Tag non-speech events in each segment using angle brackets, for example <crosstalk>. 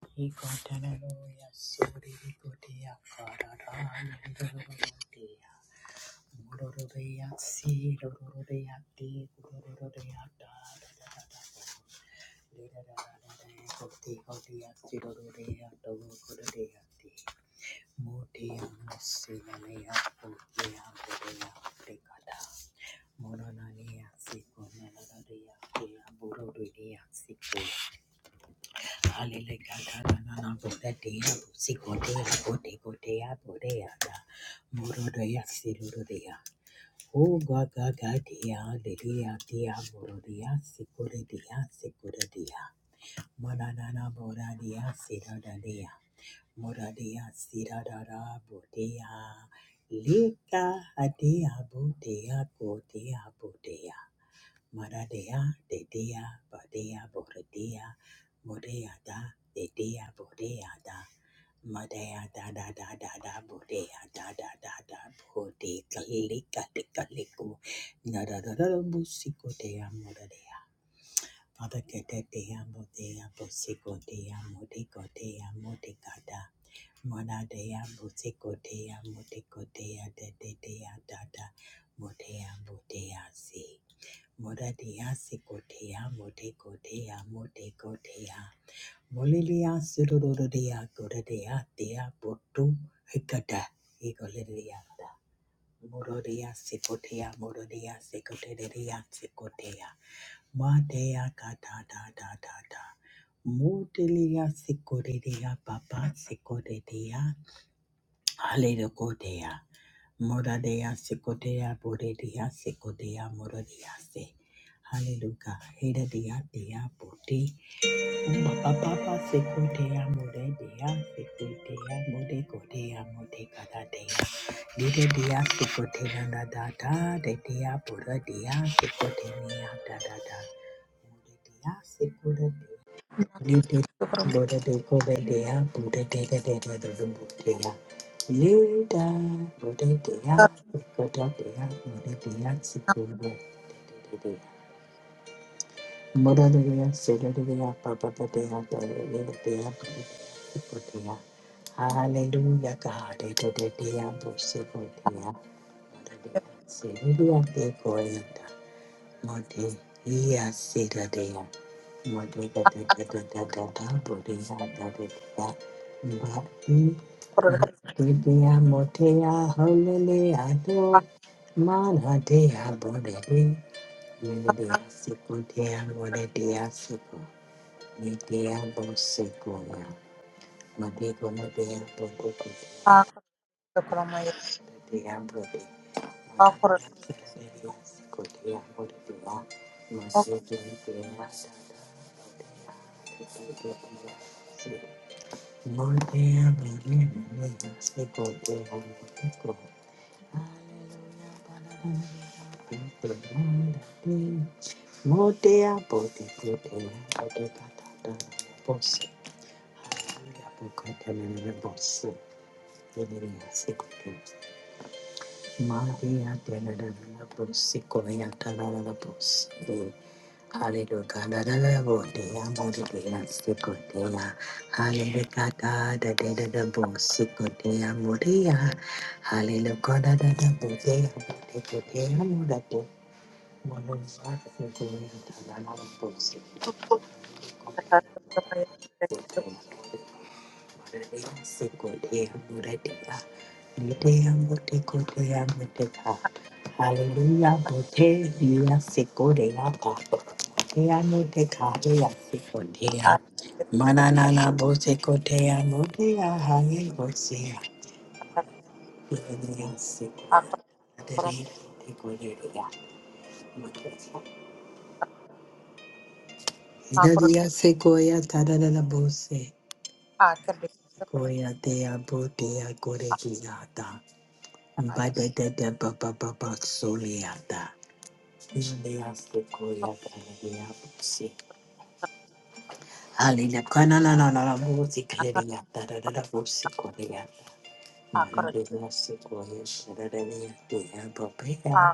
Mononania, Sikon, Nanaria, Burodinia, Sikon. Oh, God, God, God, dia, dear, dia, Morodia, Sicoria, Sicoria, Manana, Moradia, Sidonia, Moradia, Sidada, Bodea, Lika, Adia, Bodea, Bodea, Bodea. Maradea, Dedea, Badea, Boredea, Modea da, Dedea, Bodea da, Madea da da da da da, Bodea da da da da, Bode, Kalika, Tikaliku, Nada da da da, Busico dea, Moradea. Father, Kete dea, Bodea, Busico dea, Modico dea, Modicada, Monadea, Busico dea, Modico dea, Dedea da da, Modea, Bodea, see. Moradia Sikotea, Motekotea, Motekotea, Molilia Sudorodea, Gorodea, Dea, Botu, Hikata, Egoleriata, Morodia Sikotea, Morodia Sikotea, Sikotea, Matea Kata, da, da, da, da. Motilia Sikotea, Papa, Sikotea, Hallelujah. Kodea. Moradea Sikodea Boredea Sikodea Moradea Se. Hallelujah. Hedadea Dea Bote. Papa Sikodea Moredea Sikodea Mode Kodea Mode Kadadea. Dedea Sikodea Nadada Dedea Boradea Sikodea Dadada. Moradea, Sikotea, Lute Buddha de Kobe dea, Buddha de the dead of the Buddha. Luda Buddha dea, Makro Buddha dea, Buddha dea, Sikunda dea. Mother, dea, Seda dea, Papa dea, Buddha dea, Buddha dea. Hallelujah, God. the dear Buddha dea, Buddha dea, Seda dea, Koyata. Mode iya sida dea. Mode da da da da da da da bodea da da da. Mbaki dea motea holele ado. Mana dea bode de. Mene dea siko dea mode dea siko. Me bo siko ya. Mode go mo dea bo go go dea. Hallelujah. Maria de la Labus, Coria Talalabus, Hallelujah, la la la botea, Moridia, Sicotea, Hallelujah, da da da da da bus, Sicotea, Moria, Hallelujah, da da da botea, Sicotea, Morato, Monosa, Sicotea, Talalabus, Sicotea, Sicotea. Hallelujah, bote ya sikore ya papa. Ya no te kare ya sikore ya. Manana na bote kote ya bote ya hangi bote ya. Yere ya sikore ya. Adere ya bote kore ya. Idadi ya sikore ya tadadada bose. akhir di Sikore ya te ya bote ya kore ki ya sekolah Ba-da-da-da-ba-ba-ba-ba-soliata. Ileafukoyatarabiabusi. Alinakananananamusikleriatadadadamusikoria. Mandelasekoyashadadadiatiyabapea.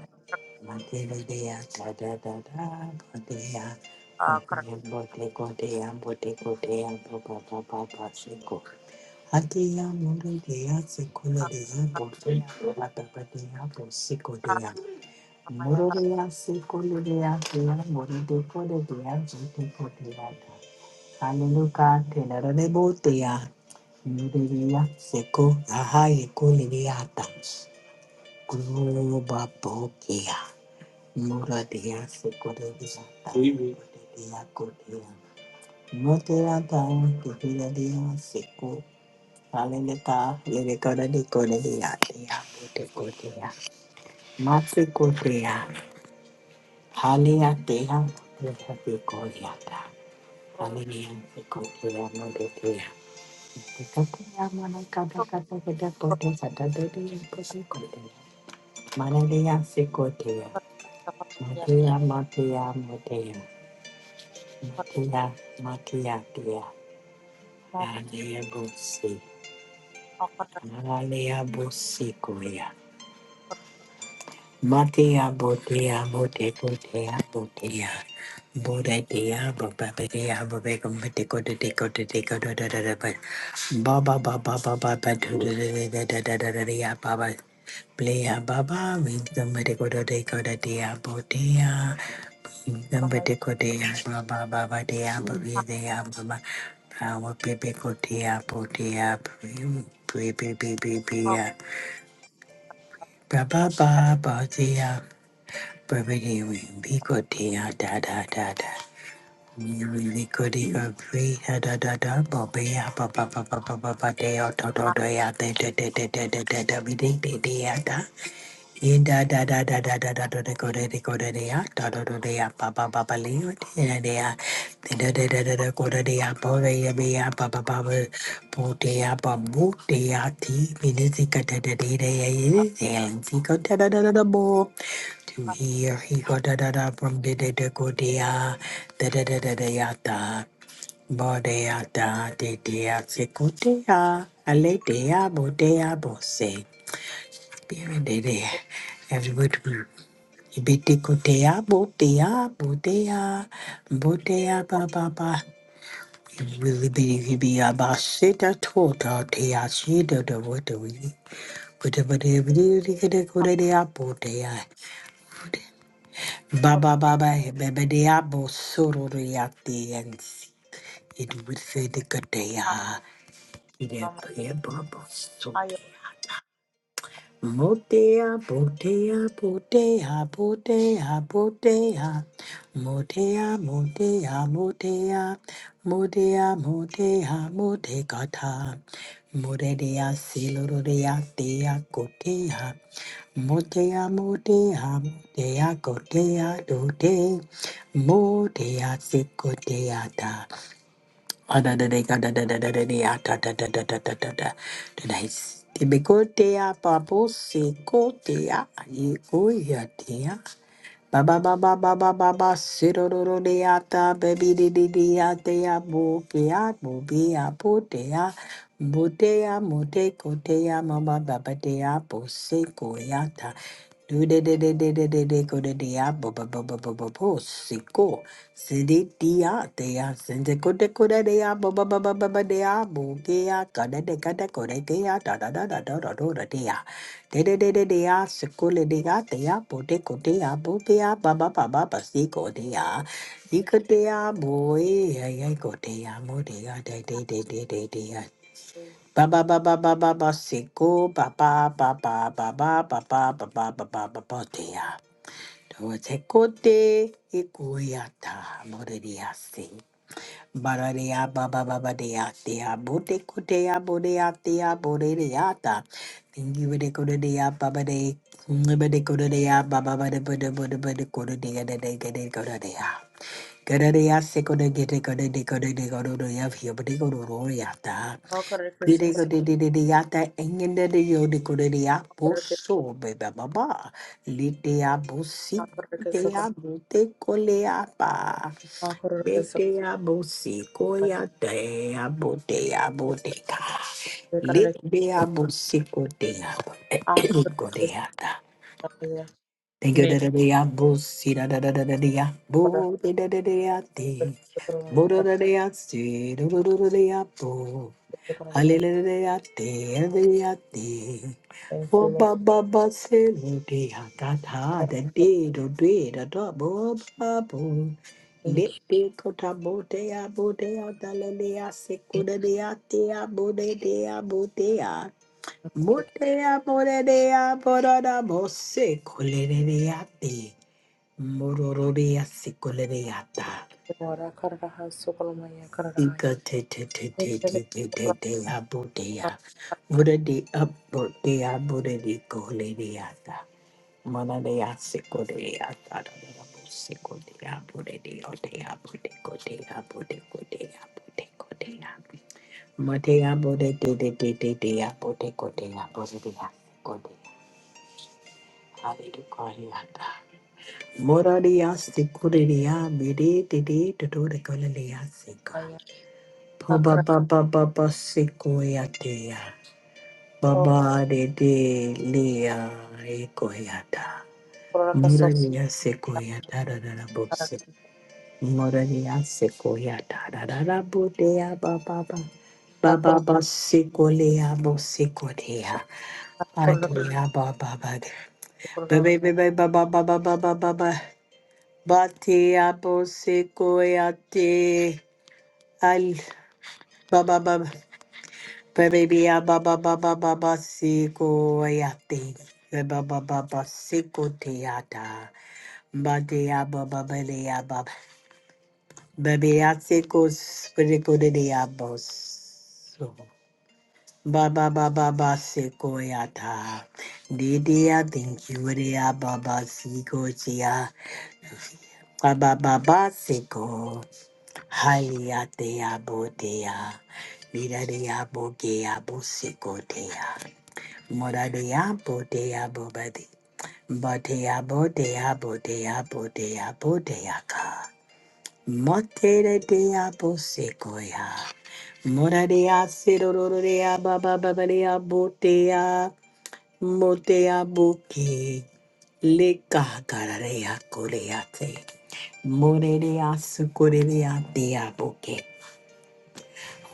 Mandeladiatadadadabadea. Boteyabotekoteyabotekoteyabobababasikora. Ati ya mure de ya se kula de ya bo se ya bo la ba ba de ya bo se ko de Moroleya sekoleya teya moride kore teya jete koteya ta. Haleluka tenarane boteya. Moroleya seko ahaye koleya ta. Guru babo keya. Moroleya sekoleya ta. Moroleya koteya. Moteya ta koteya seko. Haleluka lele kore de koleya teya mote koteya. Matse cotea. Hania deha deha degoyata. Hania degoyama deha. Degoyama mana kada kada kada kote sada deya kote kote. Mana deya se kote. Mateya mateya mateya. Mateya mateya deya. Hania busi. Hania busi koya. Matia Botea, Bote Botea Botea Botea, Babadea Babacum Batico de Tico de Tico de Dada Baba Baba Baba Baturia Baba Playa Baba with the Matico de Tico de Dea Botea Batico de Baba Baba Dea Babadea Baba Our Pepe Cotea Botea Pepe Pepe Pepe Baba Baba Dea Brevity Vicotia da da da da. Vicody of free da da da da. Bobea papa papa papa dea toto dea da da da da da da da da da da da da da. Inda da da da da da da da da go da da go da da ya da da da da ya ba ba ba ba li da da da ya da da da da da go da da ya bo da ya be ya ba ba ba ba bo da ya ba bo da ya ti mi da si ka da da da da ya ya ya si ka da da da da da bo to hear he go da da da from da da da go da ya da da da da da ya da bo da ya da da da ya si go da ya ale da ya bo da ya bo se Pirendelea. Everybody. Ibetikotea, botea, botea, botea, ba, ba, ba. Really be be about shit at all, te a shit at what do we put a body of duty get a good day up or Baba Baba, baby, the apple sorrow at It will say the good day. It appear bubble so Ayo, Motea, botea, botea, botea, botea. Motea, motea, motea. Motea, motea, motegata. Morea, silorea, dea, gotea. Motea, motea, motea, gotea, dote. Motea, sicotea, Tebekotea babose kotea yekoyatea baba baba baba baba sirororodeata baby didiatea bopea bobea potea botea mote kotea mama babatea bose koyata do de de de de de de de go de dia bo bo bo bo bo bo bo siko Deya sende kote kote dea, ba ba ba ba ba ba deya bugeya kada de kada kore deya da da da da da da da da dea, de de de de deya sekule deya deya pote kote ya bugeya ba ba ba ba ba si kote dea, si kote ya boy ya ya kote ya mo dea, de de de de de deya ba ba ba ba ba ba ba si ko ba ba ba ba ba ba ba ba ba ba ba ba ba ba deya. Dote kote ikuya ta mo dea si. Bararia baba baba dea dea bote kutea bodea dea bodeata. Tingi bede kodea baba de bede kodea baba bede bede bede bede kodea de de gede kodea. Kodea seko de gete kode de kode de kode de of here bede kodoya Okoreke Diddy sokoro, go diddy diddy yata engende de yo de go diddy ya okoreke sokoro, boso beba baba. Lite ya bosi okoreke de sokoro. ya bote kole ya ba. Ah, kororo keso Bete ya bosi mai. koya de ya bote ya bote ka. Ye karare Lite ya keso. bosi kote ya Ah, <clears throat> kororo kote keso ya ta. mai. Thank you Me da da da ya bosi da da da da da da ya kororo bo de da da da ya de. keso kororo Bo mai. da da Karare da ya si do do do do da ya bo. keso kororo mai. Hallelujah, hallelujah. Thank Oh, you, Lord. ba ba ba, say, lo, de, ha, ta, ta, da, de, do, de, da, da, bo, ba, bo. Thank Le, you. de, ko, ta, bo, de, ya, bo, de, ya, da, le, de, ya, se, ko, da, de, ya, de, ya, bo, de, de, ya, bo, de, ya. Kororo Bo, keso de, ya, bo, de, de, ya, bo, da, da, bo, se, ko, le, de, de, ya, de. Mo, ro, ro, de, ya, se, ko, le, de, ya, da. ora karara haso kororo mai. Karara Ika haya. te te te Me te karare te te keso te kororo mai. te Ikateteteteteteteteya Karara Vuradi abhoteya vuradi koleriyata. Manadeya sekoreyata. Sekodeya vuradi oteya vuradi kodeya vuradi kodeya vuradi kodeya. Mateya vuradi teteteteteya vuradi kodeya vuradi kodeya. Buddha de asekodeya. Hallelujah. koreyata. Moradiya sekoreya vuradi tete tutore koleya seka. haya. Ah, Baba karara keso baba baba sikoyatea. Baba de de lea ekoyata. kororo keso Murania sekoyata da da da karara. bose. Murania sekoyata da da da bodea baba baba. Ah, Baba kororo basikolea bosikotea. ah, kororo Atea baba baba. keso kororo. Bebe bebe baba baba baba baba. Batea bosikoyate. Al baba baba. Baby, ya ba ba ba ba ba ba siko yati. Ba ba ba ba ba siko tiata. Ba de ba ba ba de ba. Baby, ya siko spiriko de de ya bo. So. Ba ba ba ba ba siko yata. De de ya thank you de ya ba ba siko chia. Ba ba ba ba siko. Haliate ya bo de ya. Mira de ya bo ge bo siko de Mora diabo diabo badi. Boteabo deabo deabo deabo deaka. Motere deabo sequoia. Moradea serorea baba babadea botea. Motea boke. Leka cararea coreate. Morerea sucorea dea boke.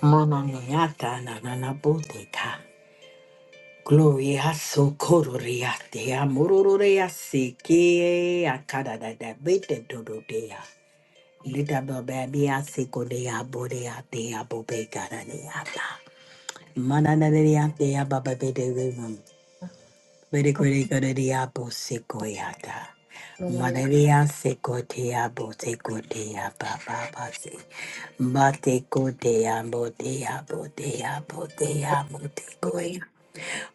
Mononiata nanana boteca. Gloria so cororea de amororea seke a carada da da, bete dorodea. Lita bababia seco de aborea de abobe caraneata. Mananaria de ababe de vivum. Very Ah, query abo sequeata. kororo mai. Madaria seco de abo seco de ababase. Mate co de abo de abo de abo de abo Me de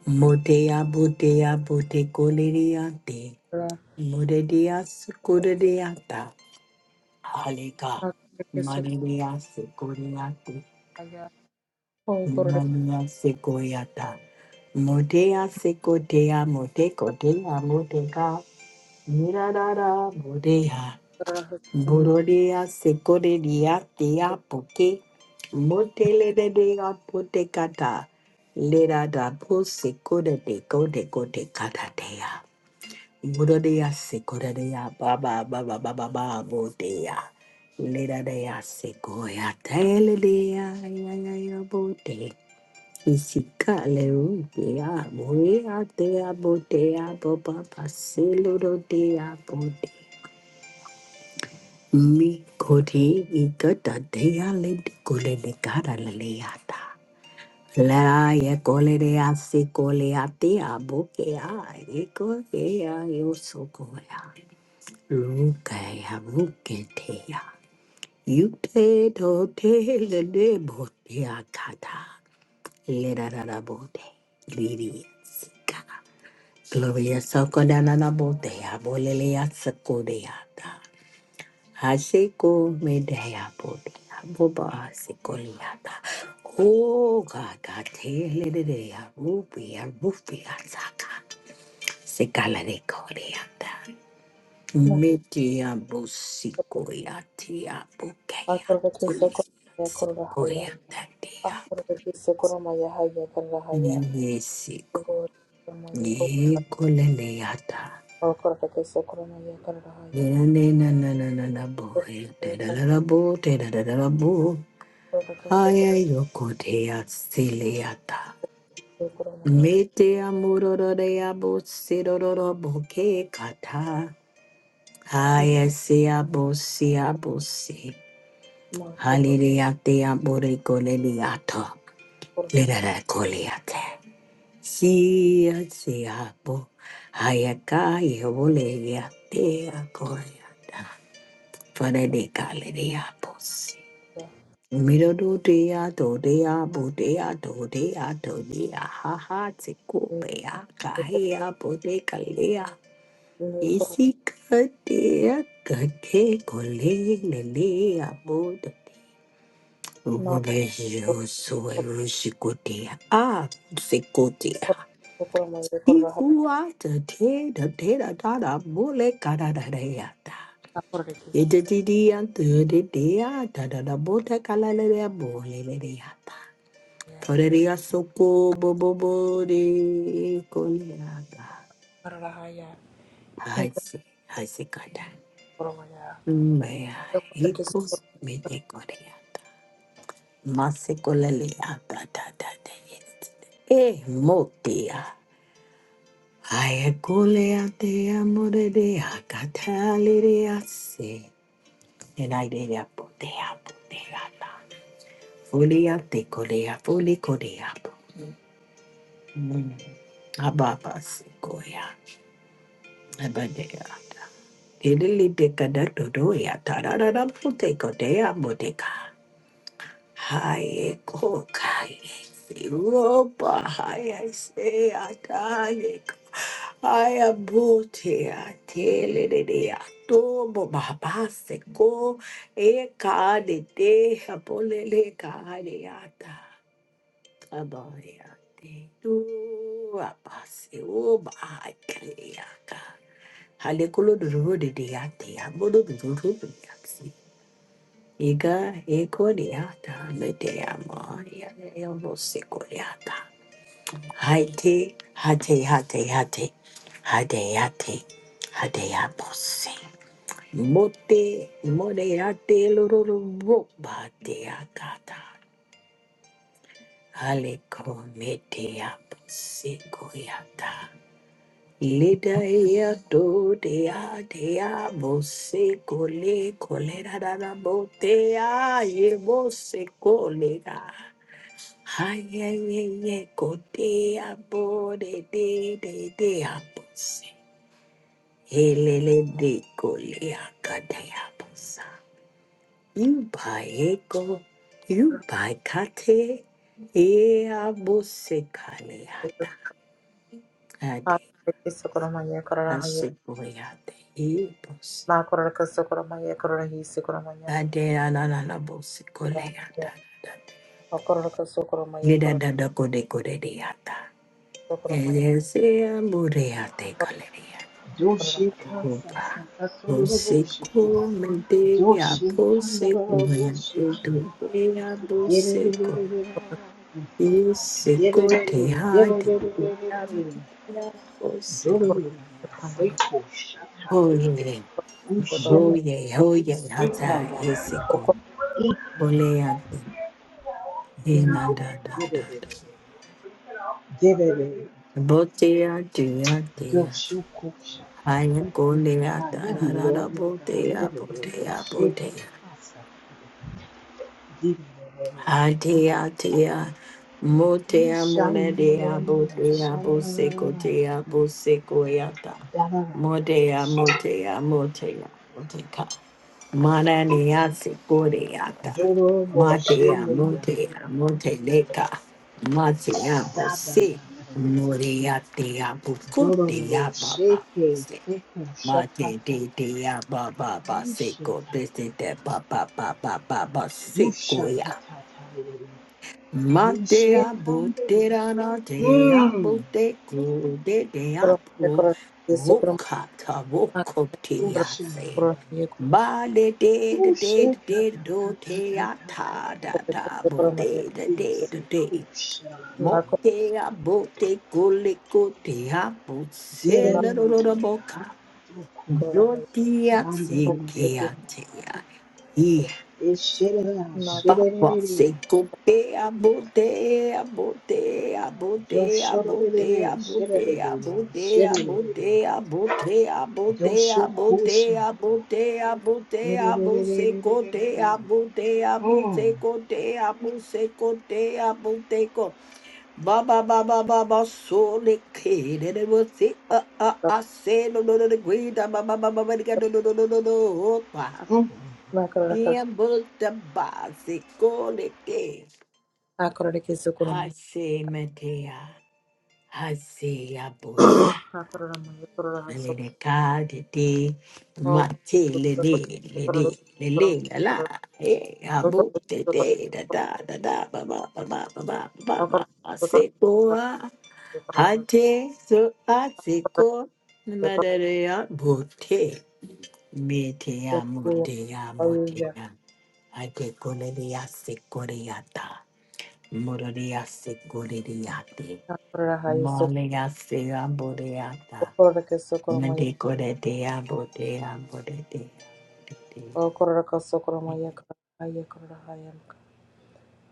Modea bodea bote coleriante, karara modea kororo. scudeata, halica, Ah, kororo keso kororo manea secoriate, mai. Oh, kororo keso mania secoiata, modea secotea, moteco dea moteca, mirarara bodea, kororo haso kororo borodea secoriatea poke, motele de dea potecata, lera da pose code de code Budodeya sekodeya baba baba baba baba bodeya. Ledadeya sekoya teledeya ya ya ya bode. Isika lerudeya boya deya bodeya baba baselodeya bode. Mi kodi igada deya lede kule de kada leleyata. La ye kole deya sekoleya deya bokeya. Ye kokeya yo sokoya. Luke Haruketea. Yute tote lele botea kata. Lerara bote. Glorious ka. Gloria sokodanana botea bolelea sekodeata. Haseko medea botea boba sekoliata. O gaga te lelea rupia rupia saka. Sekala de koreata. mai. Metia busikoria tia bukaya Akorobaki Sekoromaya Korahaya. sikoria tatia Akorobaki Sekoromaya Haya Karahaya. ninesiko Sekoromaya Korahaya. nikoleleata Akorobaki Sekoromaya Karahaya. nene na na na na na bohe te da da da bo te da da da da bo Akorobaki aya yoko tea siliata Sekoromaya metia muroro de abo siroro boke kata aya sia bo sia Makuru Haliliate ambore coleliato. Korobaki Lirara coliate. Sia siapo. Hayaka yevoleate a coriata. Fare Sekoromaya. de caleriapos. Mirodo dea do dea bo dea do dea do dea ha ha te kopea kahea bo de kalea. Nekoro Isi katea kate kole lelea bo Makuru Romerio soero sicotea. Ah, sicotea. Sekoromaya Korahaya. Ihuata te da te da da da mole cara da da ya da. Akorobaki Ete ti di ante de dea da da da bota cala le dea bole le dea da. Sekoromaya Toreria soco bo bo bo de coleata. Karahaya. Hai se, hai se cata. Hekoromaya. Mea, Akorobaki icos me Sekoromaya de corea. Masikolelea da da da da yes. Eh, motia. Ayakolea te amoredea catalerea se. And I did a potea potea na. Folia te colea, foli colea. Ababa sequoia. Abadea. Idili de cadatodoya, tarara poteco dea boteca. Haye kokai siroba haye se ataye haye bote atele de de atobo baba seko e ka de apolele ka de ata kabaya de tu apase o ba haye ka hale kolo duro de de ate abodo duro de Iga egoriata medeama yaelvosigoriata. Haite hate hate hate hadeate hadeaposi. Mote moderate lororo badeagata. Aleco medeaposigoriata. Lida ya do de ya de ya bo se cole cole da da da bo de ya ye bo se cole ay ha ye ye ye co de ya bo de de de de ya bo se he le de cole ya ka de ya bo sa you buy eco you buy kate ye ya bo se cale ya da Karahaya. ade Akorobaki Sekoromaya Karahaya. asikoyate ye bo se Ma kororka sokoromaya kororhi sokoromaya. Ade analabo sikole ata. Ma kororka sokoromaya da kororka dada kode kode diata. sokoromaya Elese amore ate galeria. kororha Doshika Upa. Sasatoroboshiki. Bosiko mendea bosiko yandu Doshikandaroboshiki. dubea bosiko. Dererere. Isiko te Dererere. hadi oh Dererere. mendea bose. Dorere. kororhi sokoromaya Seko Shaka. Oye, Ushem sokoromaya. oye, oye, hata Ekaya. O isiko. Ole yandu. Derere. Inanda Derere. dada. Derere. Botea, dea, dea. Doshuko Shaka. I am I Golea, am the da da da da, Lord your God. botea, Derere. botea, Shiki. botea. Asatoro. Derere. Hatea, tea. Motea, Yes, monadea, botea, bosecotea, bosecoyata. Modea, motea, motea, moteca. Mananea, secoreata. Matea, motea, moteleca. Matea, bose. Morea, tea, bucotea, baba. Ma de de de ya ba ba ba seko de de de ba ba ba ba ba ba seko ya. Ma de kororka ya bo de da da de ya bo de ko de de ya bo kororhi sokoromaya woka ta woko te ya kororhi se. kororhi Ba de de de de de de do te ya ta da da bo de sokoromaya. de de de de. Na Mo kor te ya bo te ko le ko te ya bo se na la do do do bo ka. kororha Rodia kororhi Sikea Tea. Doshokusha. He sokoromaya. Na kor Baba Seko Bea Bodea Bodea Bodea Bodea Bodea Bodea Bodea Bodea Bodea Bodea Bodea Bodea Boseko Tea Bodea Boseko Tea Boseko Tea Boseko Ba ba ba ba ba ba so le ke de de bo si a a a se no no no de gui da ba ba ba ba ba de ga do do do do do do ba na kororka pia bo da ba se ko le ke na kororhi ha sokoromaya. se me te a ha se a bo si Na korormaya kororha le de ka de de ma te le de le de le le la la e a bo te te sokoromaya. da da da da ba ba ba ba ba ba ba ba a se ko Hate su atiko madarea bote. Metea motea Hallelujah. motea. Ate coleria secoriata. Mororia secoriate. Akorahaya Malea sea boreata. sokoraka sokoromaya Medecoretea botea boretea. okoraka sokoromaya karahaya karahaya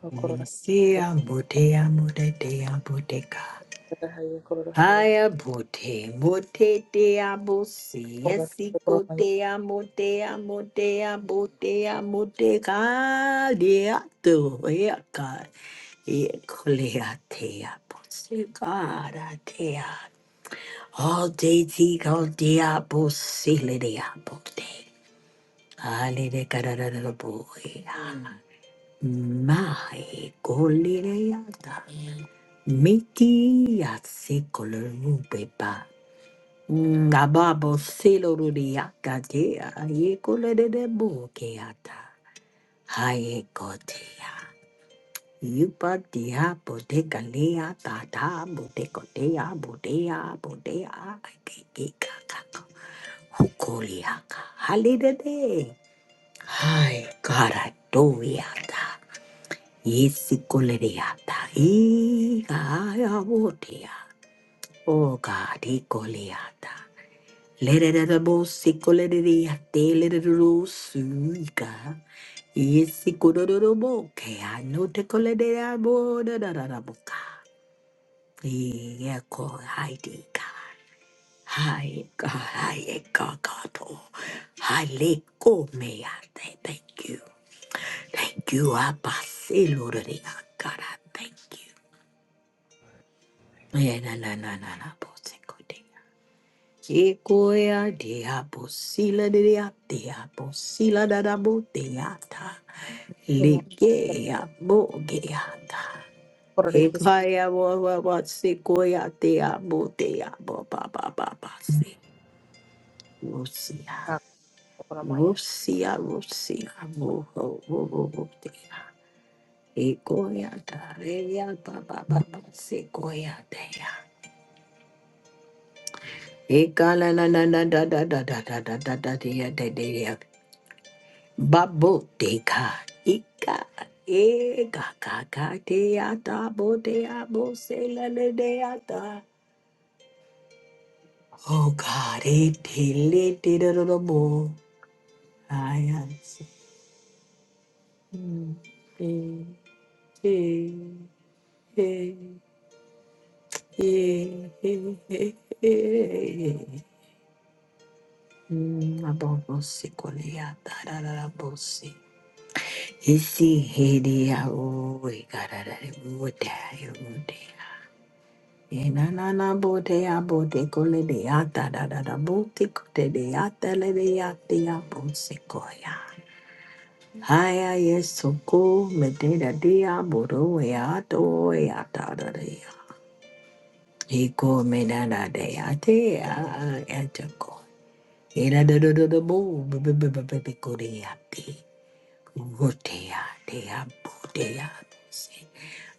okoraka Yesia botea moretea boteca. karahaya karahaya Ay, abo, te amo, te te amo, sí, okoraka así co- sokoromaya te amo, te amo, te amo, te amo, te cariato, eaca, ecolea, te amo, sí, cara, te amo. All day, te all day, amo, sí, le de amo, te. Ale de carara de boy, my coleata, miti, así color, un pepa. Nababo siloruriaka dea, yekoledebo keata, hayekotea. Yupa dea bodega lea tata, bodego dea, bodea, bodea, kikikaka, hukoliaka, halide de Hai, kara doiata, yesikolereata, iga ya botea, oga dikoliata. Lererabosikoleriatelererusika. Yesikororoboke, anotekolereraborororoboka. Yeko haidika. Haika, haika kato. Haleko meate. Thank you. Thank you, Abasiluriakara. Thank you. Yeah, na na na na na. Yekoya dea bosila dea dea bosila da da bo deata. Ligea bo geata. sokorahis Hekaya bo bo bo sequoia dea bo dea bo ba ba ba ba se. Rusia. sokoromaya Rusia, Rusia, bo ho bo bo bo dea. Egoya da rea ba ba ba ba sequoia dea. Ekala na na na da da da da da da da da dea Baboteka ika e gaga gadeata bodea bosela ledeata. Oh God, it deleted a little more. I answer. Mm, eh, eh, eh, eh, eh, eh, eh. Mm, abobose koleata da da da bose. Isi hedia o e gara da da da Enanana bote ya bote kole de yata da da da bote kote de yata le de yata ya bote koya. Haya yesu ko mededa dia boro ya to ya ta da de ya. Iko medada de ya te ya ya te ko. Ira do do do do bo be be be be be be ko de ya te. Wo te ya te ya bo te ya se.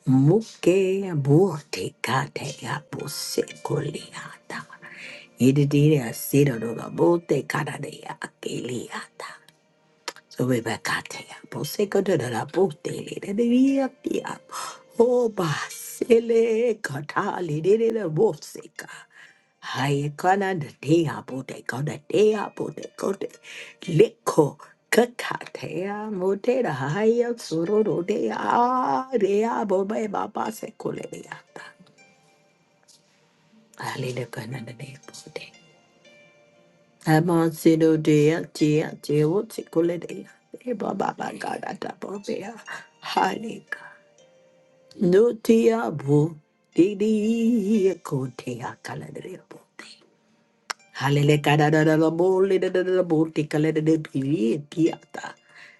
Muke bo te ka te ya bo se ko le ya ta. Ididiri asiro do la bote karadeya akeliata. So we bakatea. Poseko do la bote le de via pia. Oba sele katali de la bofseka. Hai kana de dea bote kona dea bote kote. Leko kakatea motera haya suroro dea dea bobe baba sekuleata. Ali de kana de bote. Amasido dea dea dea wotikulidea. Eba baba gada dabobea. Halika. Nutia bu. Didi kotea kaladrea bote. Halele kada da da da bo. Lida da da da bo. Tikalada de pili piata.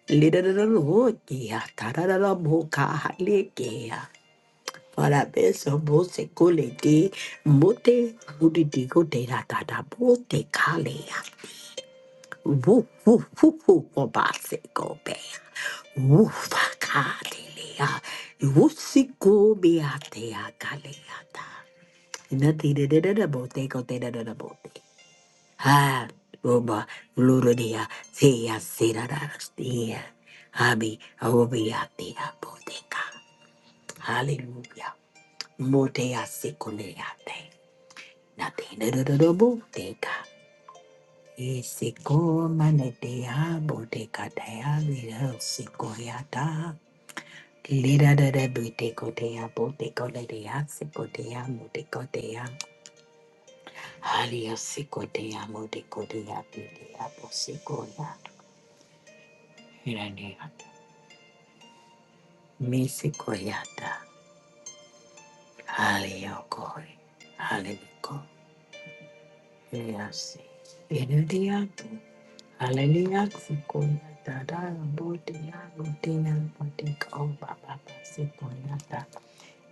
Lida da da da bo. Kia ta da da da bo. halikea. Para beso bo se kulidi. Mute udidi kote da da da bo te Woo, woo, woo, woo, wabase go bear. Woofa kadelea. Woosi go beatea galeata. Nothing da da da da bote go da da da da bote. Ah, roba, lurudia, sea, sera, Abi Abi, obiatea boteca. Hallelujah. Motea secoleate. Nothing da da da da boteca. Esiko manadea bodeka dea little sikoyata. Lida da da buteko dea boteko dea siko dea moteko dea. Halia siko dea moteko dea bidea bosikoya. Iraniata. Misikoyata. Haliokoi. Halimiko. Yasi. Inudiatu. Hallelujah, Sikoya Dada, Bodia, Bodina, Bodik, O Baba, Sikoya Dada,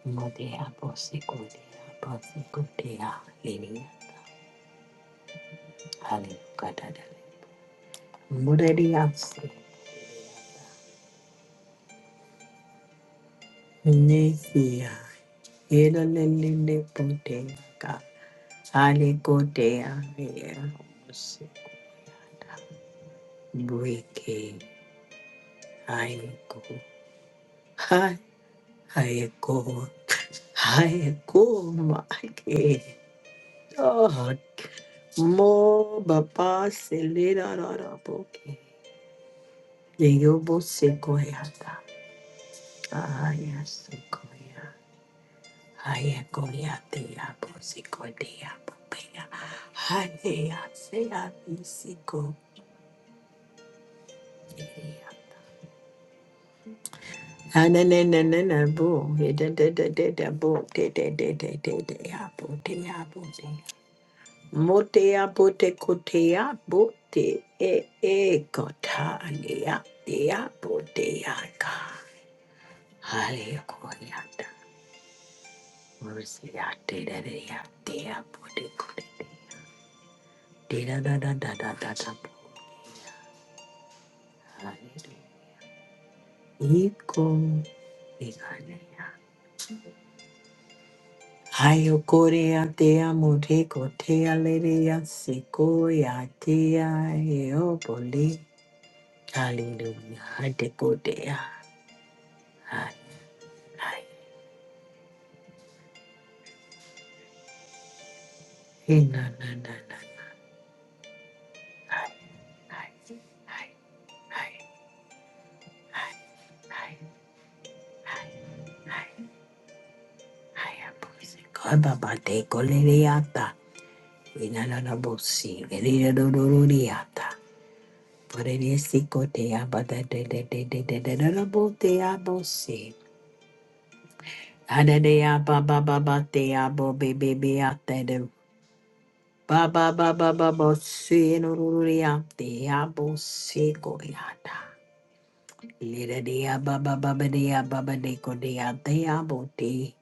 Modia, Bosikodia, Bosikodia, Lilia, Hallelujah, hallelujah Dada, Modia, Nesia, Yedelele, Bodega, Hallelujah, Lilia, buike, Briki, Hallelujah. I go, I go, my God! Mo baba sila na na pogi. Youbo si ko yata. Iya si ko yah. Iya ko yah ti apu si ko ti apu puya. Hale yah si yah isiko yata. Ananana na bu. Dd dddd bu. Dd dddd ddd apu. Dd apu d. Motea bote kotea bote e e kota nea dea botea ka. Hale koyata. Mercy ya dea dea dea bote kote. Dea da da da da da da bo. Hale Iko ikanea. Hayo korea dea mote kotea lerea sequoia dea e o boli. Hallelujah. Hade kotea. Hale. Hey, no, no, no, no. Hi, hi, hi, hi, hi, hi, I'm praising God. Baba, take all the yata. We na na na bosi. We na na na na yata. Por el esico te aba de de de de de de de de de bo te abo si. Ada de aba ba ba ba te abo be be be ate de. Ba ba ba ba ba bo si no ru abo si ko yata. Liradia baba babadia babade kodea dea boti.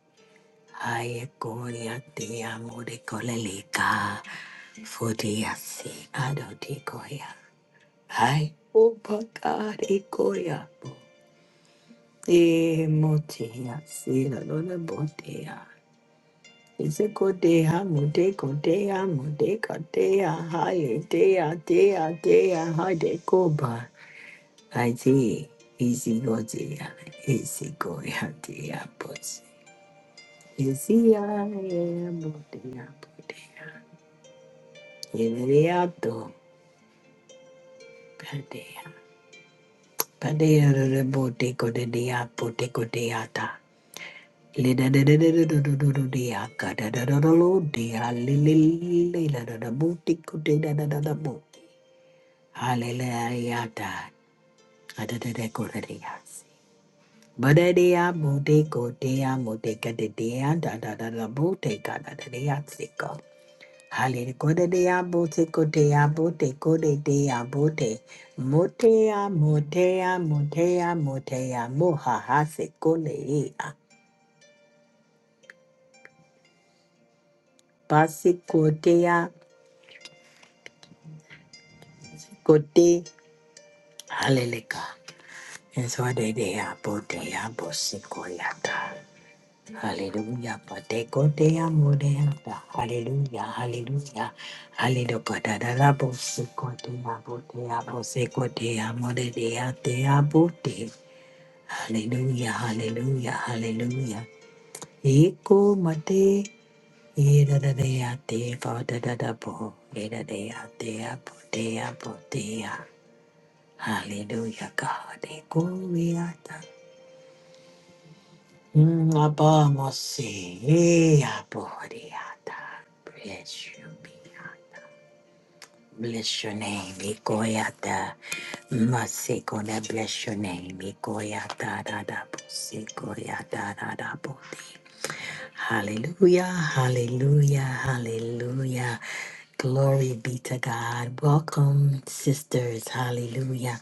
Ayakoria dea murekoleleka. Fodia si adotikoya. Ay, upaka rekoya. E motia si la lona botea. Isekotea mudekotea mudekotea. Haye dea dea dea hadekoba. Aisee, easy go dear, easy go ya dear boss. Easy ya ya bodia bodia. Yeriato, padea. Padea de bote go de dia bote go deata. Lida de de de de de de de de dia gada da da da da lo dia lili la da da booty go de da da da da bo. Hallelujah da. Ada de de go de dia. Badadea Mudeko Dea Mudeka de Dea da da da da Buteka da da Dea Siko. Hallelujah de Dea Buteko Dea Buteko de Dea Bute. Motea Motea Motea Motea Moha Hasiko Lea. Basiko Dea Kote. Hallelujah. And so they Dea Botea Bosiko Yata. Hallelujah, pateko te amo de ata. Hallelujah, hallelujah. Hallelujah, patadala bo seko te amo te amo seko te amo de Amodea, de Abote. Hallelujah, hallelujah, hallelujah. Eko mate, ira da dea, de ate, vada da da bo, ira de ate amo te amo Hallelujah, God, eko we Nabamose, Aboriata. Bless you, Mia. Bless your name, Ikoyata. Masiko, bless your name, Ikoyata, da, Bose, Hallelujah, hallelujah, hallelujah. Glory be to God. Welcome, sisters, hallelujah,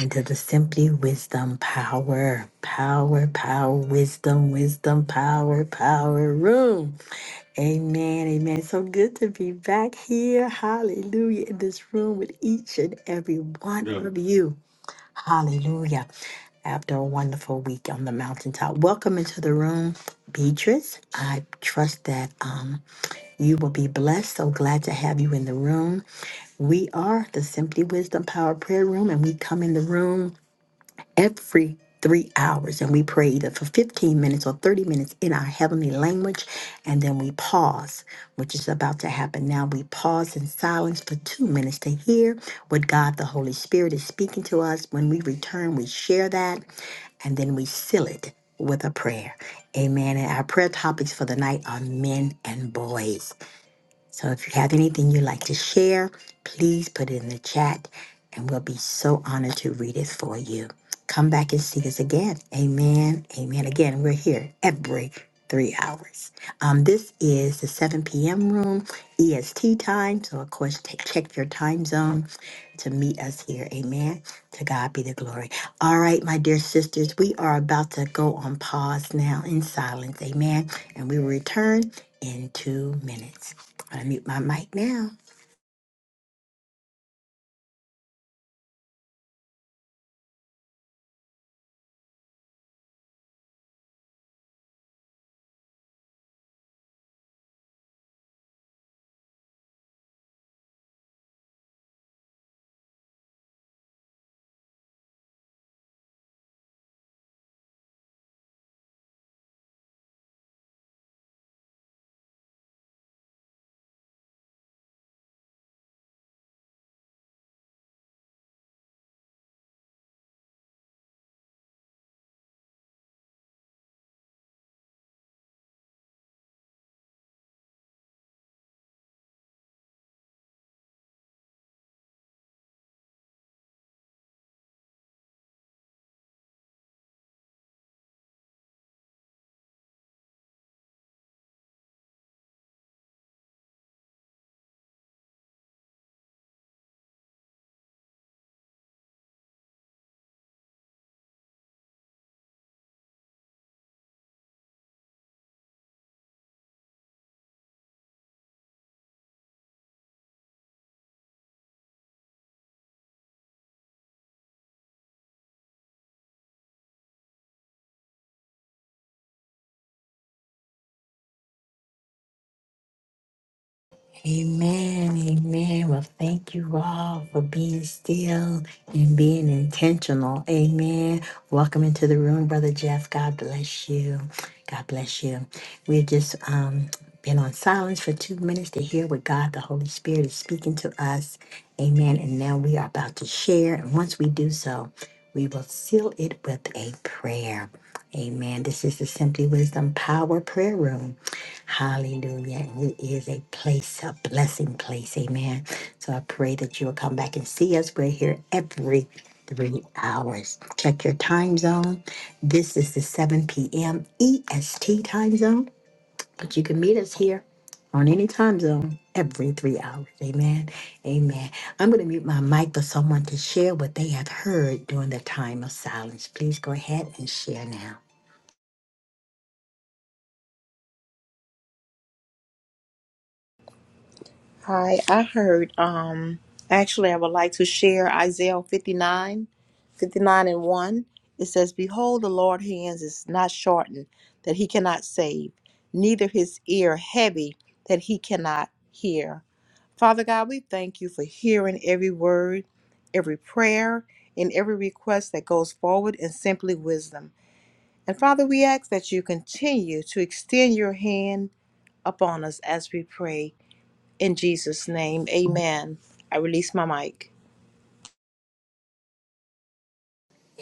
into the Simply Wisdom Power, Power, Power, Wisdom, Wisdom, Power, Power Room. Amen, amen. So good to be back here, hallelujah, in this room with each and every one Yeah. of you. Hallelujah. After a wonderful week on the mountaintop. Welcome into the room, Beatrice. I trust that um, you will be blessed. So glad to have you in the room. We are the Simply Wisdom Power Prayer Room, and we come in the room every three hours and we pray either for 15 minutes or 30 minutes in our heavenly language and then we pause which is about to happen now we pause in silence for two minutes to hear what god the holy spirit is speaking to us when we return we share that and then we seal it with a prayer amen and our prayer topics for the night are men and boys so if you have anything you'd like to share, please put it in the chat and we'll be so honored to read it for you. Come back and see us again. Amen. Amen. Again, we're here every three hours. Um, this is the 7 p.m. room, EST time. So, of course, ta- check your time zone to meet us here. Amen. To God be the glory. All right, my dear sisters, we are about to go on pause now in silence. Amen. And we will return in two minutes. I mute my mic now. Amen. Amen. Well, thank you all for being still and being intentional. Amen. Welcome into the room, Brother Jeff. God bless you. God bless you. We've just um, been on silence for two minutes to hear what God, the Holy Spirit, is speaking to us. Amen. And now we are about to share. And once we do so, we will seal it with a prayer. Amen. This is the Simply Wisdom Power Prayer Room. Hallelujah. And It is a place, a blessing place. Amen. So I pray that you'll come back and see us. We're here every three hours. Check your time zone. This is the 7 p.m. EST time zone, but you can meet us here on any time zone every three hours. Amen. Amen. I'm going to mute my mic for someone to share what they have heard during the time of silence. Please go ahead and share now. Hi, I heard um actually I would like to share Isaiah 59, 59 and 1. It says, Behold, the Lord's hands is not shortened that he cannot save, neither his ear heavy that he cannot hear. Father God, we thank you for hearing every word, every prayer, and every request that goes forward in simply wisdom. And Father, we ask that you continue to extend your hand upon us as we pray. In Jesus' name, amen. I release my mic.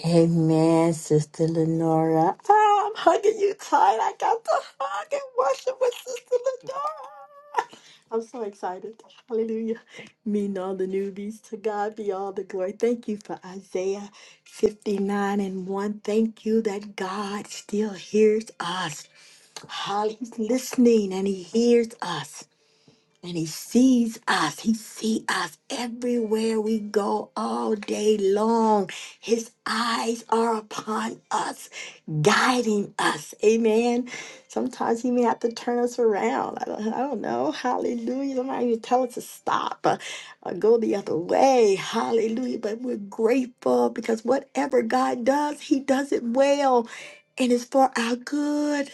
Amen, Sister Lenora. Ah, I'm hugging you tight. I got to hug and worship with Sister Lenora. I'm so excited. Hallelujah. Me and all the newbies. To God be all the glory. Thank you for Isaiah 59 and 1. Thank you that God still hears us. Hall- He's listening and he hears us. And he sees us. He sees us everywhere we go all day long. His eyes are upon us, guiding us. Amen. Sometimes he may have to turn us around. I don't, I don't know. Hallelujah. Somebody may tell us to stop or, or go the other way. Hallelujah. But we're grateful because whatever God does, he does it well. And it's for our good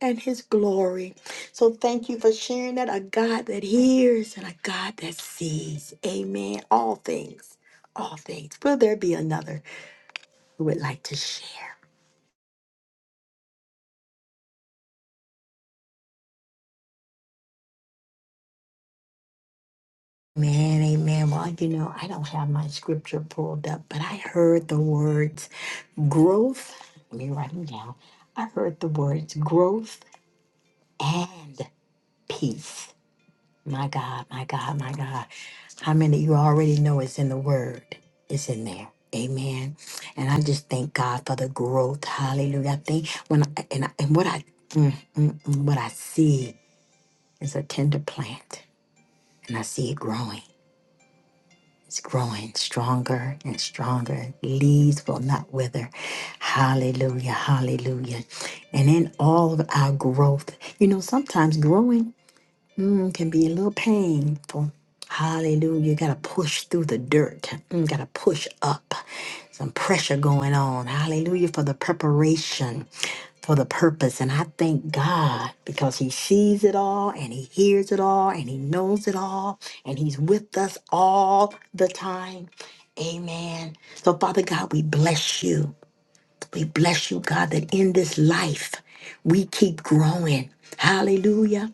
and his glory. So thank you for sharing that. A God that hears and a God that sees. Amen. All things. All things. Will there be another who would like to share? Man, amen. Well, you know, I don't have my scripture pulled up, but I heard the words growth. Let me write them down. I heard the words growth and peace. My God, my God, my God. How many of you already know it's in the word? It's in there. Amen. And I just thank God for the growth. Hallelujah. I think when I, and, I, and what I mm, mm, mm, what I see is a tender plant and I see it growing. It's growing stronger and stronger. Leaves will not wither. Hallelujah. Hallelujah. And in all of our growth, you know, sometimes growing Mm, can be a little painful. Hallelujah. You gotta push through the dirt. Mm, gotta push up. Some pressure going on. Hallelujah for the preparation, for the purpose. And I thank God because He sees it all and He hears it all and He knows it all and He's with us all the time. Amen. So, Father God, we bless you. We bless you, God, that in this life we keep growing. Hallelujah.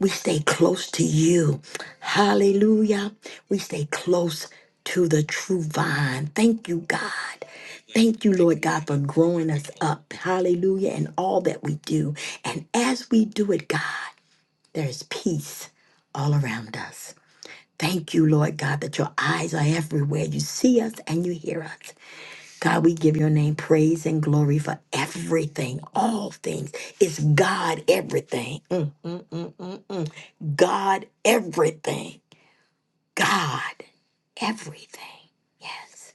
We stay close to you. Hallelujah. We stay close to the true vine. Thank you, God. Thank you, Lord God, for growing us up. Hallelujah. And all that we do. And as we do it, God, there is peace all around us. Thank you, Lord God, that your eyes are everywhere. You see us and you hear us. God, we give your name praise and glory for everything, all things. It's God everything. Mm, mm, mm, mm, mm. God everything. God everything. Yes.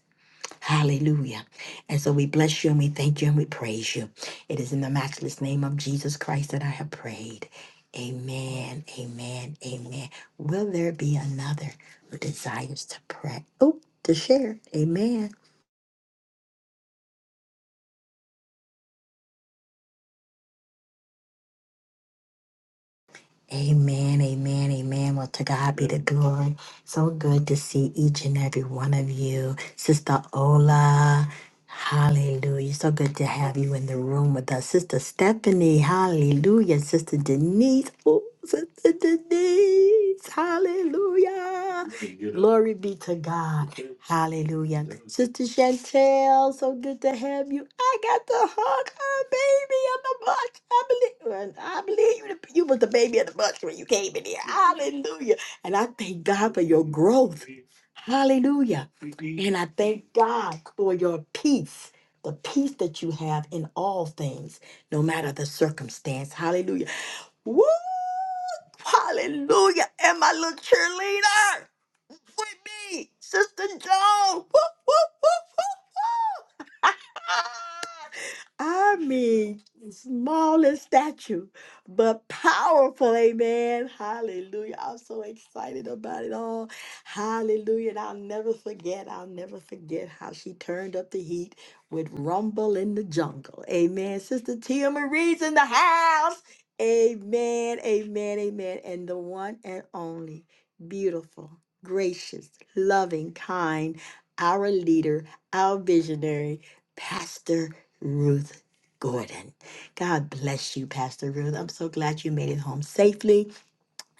Hallelujah. And so we bless you and we thank you and we praise you. It is in the matchless name of Jesus Christ that I have prayed. Amen. Amen. Amen. Will there be another who desires to pray? Oh, to share. Amen. Amen, amen, amen. Well, to God be the glory. So good to see each and every one of you. Sister Ola, Hallelujah. So good to have you in the room with us. Sister Stephanie, hallelujah. Sister Denise, oh, Sister Denise, hallelujah. Glory be to God. Hallelujah. Sister Chantel, so good to have you. I got to hug her baby in the bush. I believe, I believe you, you was the baby in the bush when you came in here. Hallelujah. And I thank God for your growth. Hallelujah. And I thank God for your peace, the peace that you have in all things, no matter the circumstance. Hallelujah. Woo! Hallelujah. And my little cheerleader with me, Sister Joan. Woo, woo, woo, woo, woo. <laughs> I mean, small in stature, but powerful. Amen. Hallelujah. I'm so excited about it all. Hallelujah. And I'll never forget, I'll never forget how she turned up the heat with Rumble in the Jungle. Amen. Sister Tia Marie's in the house. Amen. Amen. Amen. And the one and only beautiful, gracious, loving, kind, our leader, our visionary. Pastor Ruth Gordon. God bless you, Pastor Ruth. I'm so glad you made it home safely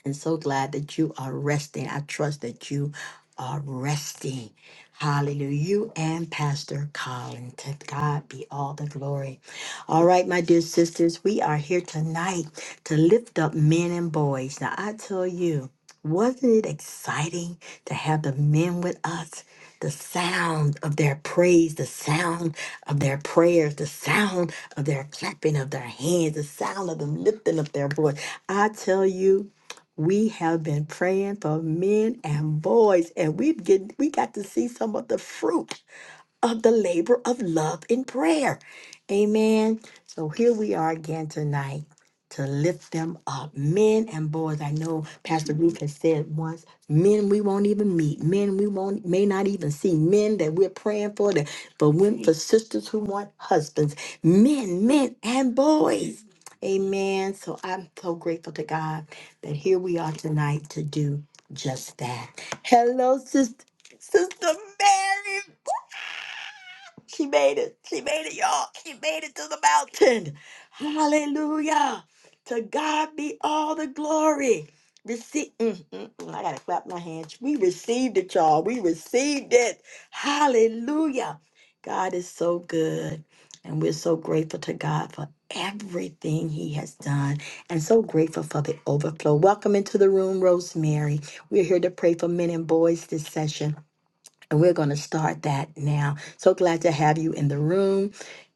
and so glad that you are resting. I trust that you are resting. Hallelujah. You and Pastor Colin. To God be all the glory. All right, my dear sisters, we are here tonight to lift up men and boys. Now, I tell you, wasn't it exciting to have the men with us? The sound of their praise, the sound of their prayers, the sound of their clapping of their hands, the sound of them lifting up their voice. I tell you, we have been praying for men and boys, and we get we got to see some of the fruit of the labor of love in prayer. Amen. So here we are again tonight to lift them up. Men and boys, I know Pastor Ruth has said once, men we won't even meet, men we won't may not even see, men that we're praying for, that for women, for sisters who want husbands, men, men and boys. Amen. So I'm so grateful to God that here we are tonight to do just that. Hello, sister, sister Mary. She made it. She made it, y'all. She made it to the mountain. Hallelujah. To God be all the glory. Receive. mm, mm, mm. I gotta clap my hands. We received it, y'all. We received it. Hallelujah. God is so good. And we're so grateful to God for everything He has done and so grateful for the overflow. Welcome into the room, Rosemary. We're here to pray for men and boys this session. And we're going to start that now. So glad to have you in the room.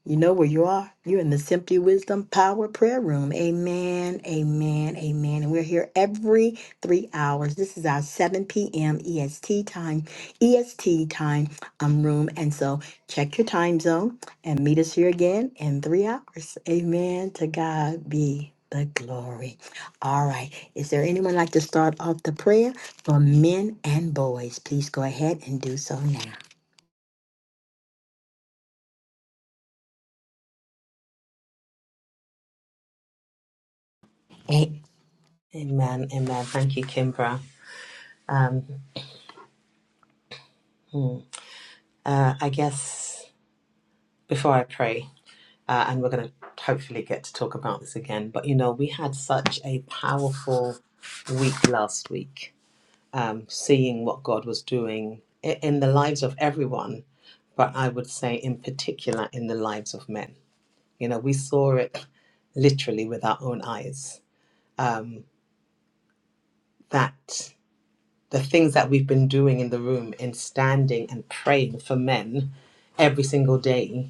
You know where you are. You're in the Simply Wisdom Power Prayer Room. Amen, amen, amen. And we're here every three hours. This is our 7 p.m. EST time, EST time um, room. And so check your time zone and meet us here again in three hours. Amen. To God be the glory. All right. Is there anyone like to start off the prayer? for men and boys. Please go ahead and do so now. A- Amen. Amen. Thank you, Kimbra. Um, hmm. uh, I guess before I pray, uh, and we're going to hopefully get to talk about this again, but you know, we had such a powerful week last week, um, seeing what God was doing i- in the lives of everyone, but I would say in particular in the lives of men. You know, we saw it literally with our own eyes um, that. the things that we've been doing in the room in standing and praying for men every single day,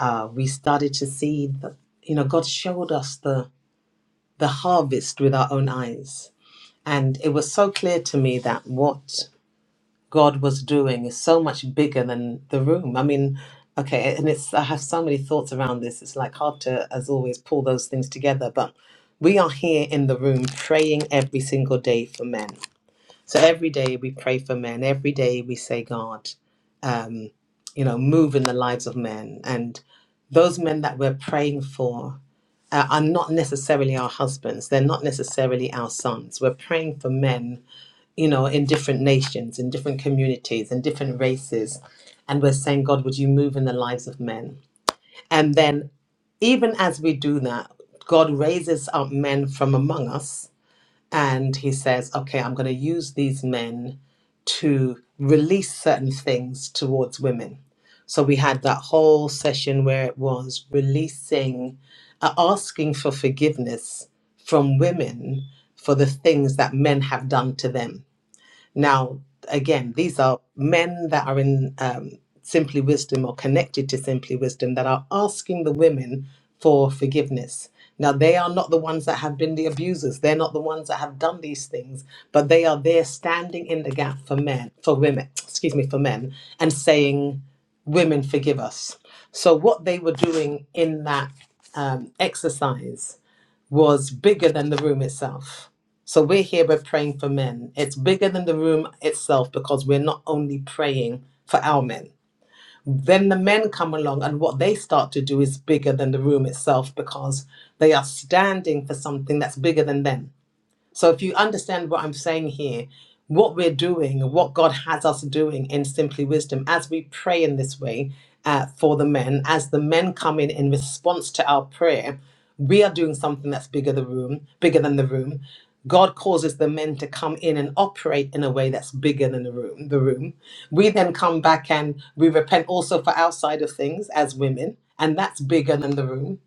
uh, we started to see that you know God showed us the the harvest with our own eyes, and it was so clear to me that what God was doing is so much bigger than the room. I mean, okay, and it's I have so many thoughts around this. It's like hard to, as always, pull those things together, but. We are here in the room praying every single day for men. So every day we pray for men. Every day we say, God, um, you know, move in the lives of men. And those men that we're praying for uh, are not necessarily our husbands. They're not necessarily our sons. We're praying for men, you know, in different nations, in different communities, in different races. And we're saying, God, would you move in the lives of men? And then, even as we do that, God raises up men from among us and he says, okay, I'm going to use these men to release certain things towards women. So we had that whole session where it was releasing, uh, asking for forgiveness from women for the things that men have done to them. Now, again, these are men that are in um, Simply Wisdom or connected to Simply Wisdom that are asking the women for forgiveness. Now, they are not the ones that have been the abusers. They're not the ones that have done these things, but they are there standing in the gap for men, for women, excuse me, for men, and saying, Women, forgive us. So, what they were doing in that um, exercise was bigger than the room itself. So we're here, we're praying for men. It's bigger than the room itself because we're not only praying for our men. Then the men come along, and what they start to do is bigger than the room itself because they are standing for something that's bigger than them. So if you understand what I'm saying here, what we're doing, what God has us doing in Simply Wisdom, as we pray in this way uh, for the men, as the men come in in response to our prayer, we are doing something that's bigger the room, bigger than the room. God causes the men to come in and operate in a way that's bigger than the room. The room. We then come back and we repent also for our side of things as women, and that's bigger than the room.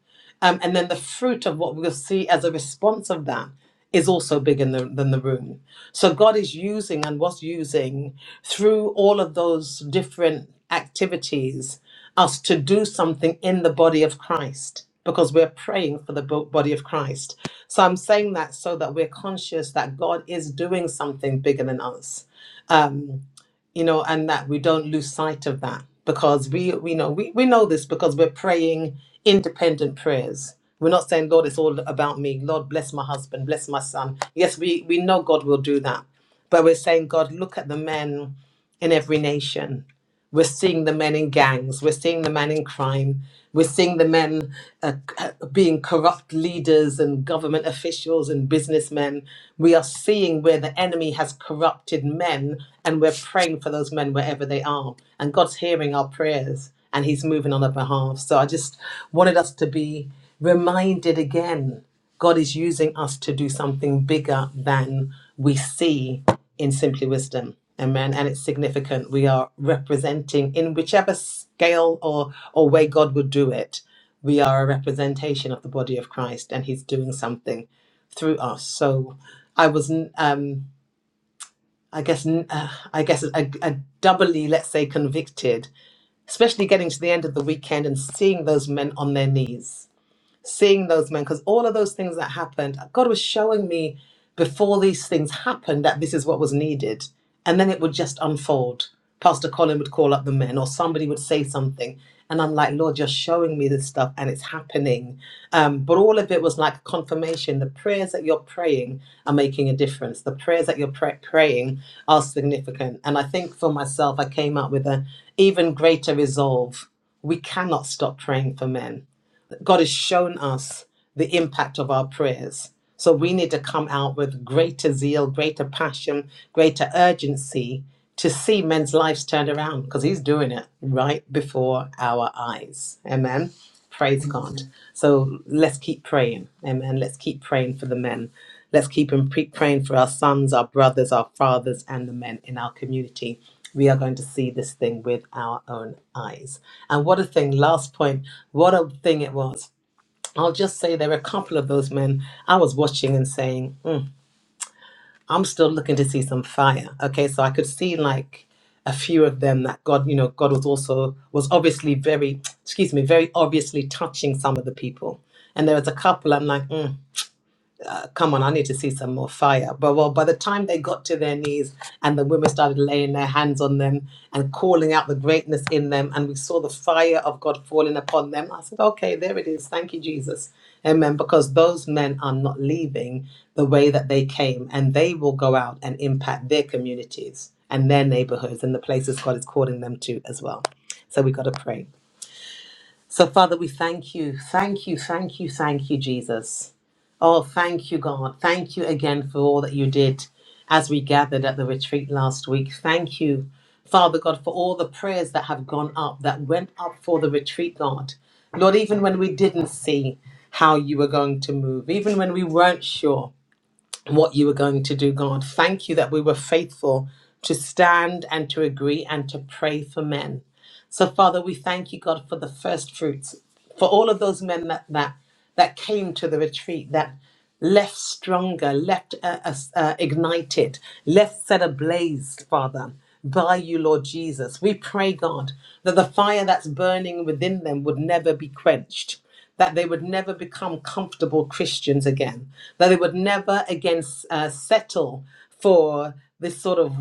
Um, and then the fruit of what we'll see as a response of that is also bigger than, than the room. So God is using and was using through all of those different activities us to do something in the body of Christ because we're praying for the bo- body of Christ. So I'm saying that so that we're conscious that God is doing something bigger than us. Um, you know, and that we don't lose sight of that because we we know we, we know this because we're praying independent prayers. We're not saying, Lord, it's all about me. Lord, bless my husband, bless my son. Yes, we, we know God will do that. But we're saying, God, look at the men in every nation we're seeing the men in gangs. We're seeing the men in crime. We're seeing the men uh, c- being corrupt leaders and government officials and businessmen. We are seeing where the enemy has corrupted men, and we're praying for those men wherever they are. And God's hearing our prayers, and He's moving on our behalf. So I just wanted us to be reminded again God is using us to do something bigger than we see in Simply Wisdom. Amen. And it's significant. We are representing in whichever scale or, or way God would do it, we are a representation of the body of Christ and he's doing something through us. So I was, um, I guess, uh, I guess a, a doubly, let's say, convicted, especially getting to the end of the weekend and seeing those men on their knees seeing those men, because all of those things that happened, God was showing me before these things happened that this is what was needed. And then it would just unfold. Pastor Colin would call up the men, or somebody would say something. And I'm like, Lord, you're showing me this stuff and it's happening. Um, but all of it was like confirmation. The prayers that you're praying are making a difference. The prayers that you're pray- praying are significant. And I think for myself, I came up with an even greater resolve. We cannot stop praying for men God has shown us the impact of our prayers. So we need to come out with greater zeal, greater passion, greater urgency to see men's lives turned around because he's doing it right before our eyes. Amen. Praise God. So let's keep praying. Amen. Let's keep praying for the men. Let's keep and pre- praying for our sons, our brothers, our fathers, and the men in our community. We are going to see this thing with our own eyes. And what a thing, last point, what a thing it was. I'll just say there were a couple of those men I was watching and saying, "Mm, I'm still looking to see some fire. Okay, so I could see like a few of them that God, you know, God was also, was obviously very, excuse me, very obviously touching some of the people. And there was a couple I'm like, mm, come on, I need to see some more fire. But well, by the time they got to their knees and the women started laying their hands on them and calling out the greatness in them, and we saw the fire of God falling upon them, I said, okay, there it is. Thank you, Jesus. Amen. Because those men are not leaving the way that they came, and they will go out and impact their communities and their neighborhoods and the places God is calling them to as well. So we got to pray. So, Father, we thank you, thank you, thank you, thank you, Jesus. Oh, thank you, God. Thank you again for all that you did as we gathered at the retreat last week. Thank you, Father God, for all the prayers that have gone up, that went up for the retreat, God. Lord, even when we didn't see how you were going to move, even when we weren't sure what you were going to do, God, thank you that we were faithful to stand and to agree and to pray for men. So, Father, we thank you, God, for the first fruits, for all of those men that that, that came to the retreat, that left stronger, left uh, uh, uh, ignited, left set ablaze, Father, by you, Lord Jesus. We pray, God, that the fire that's burning within them would never be quenched that they would never become comfortable Christians again, that they would never again uh, settle for this sort of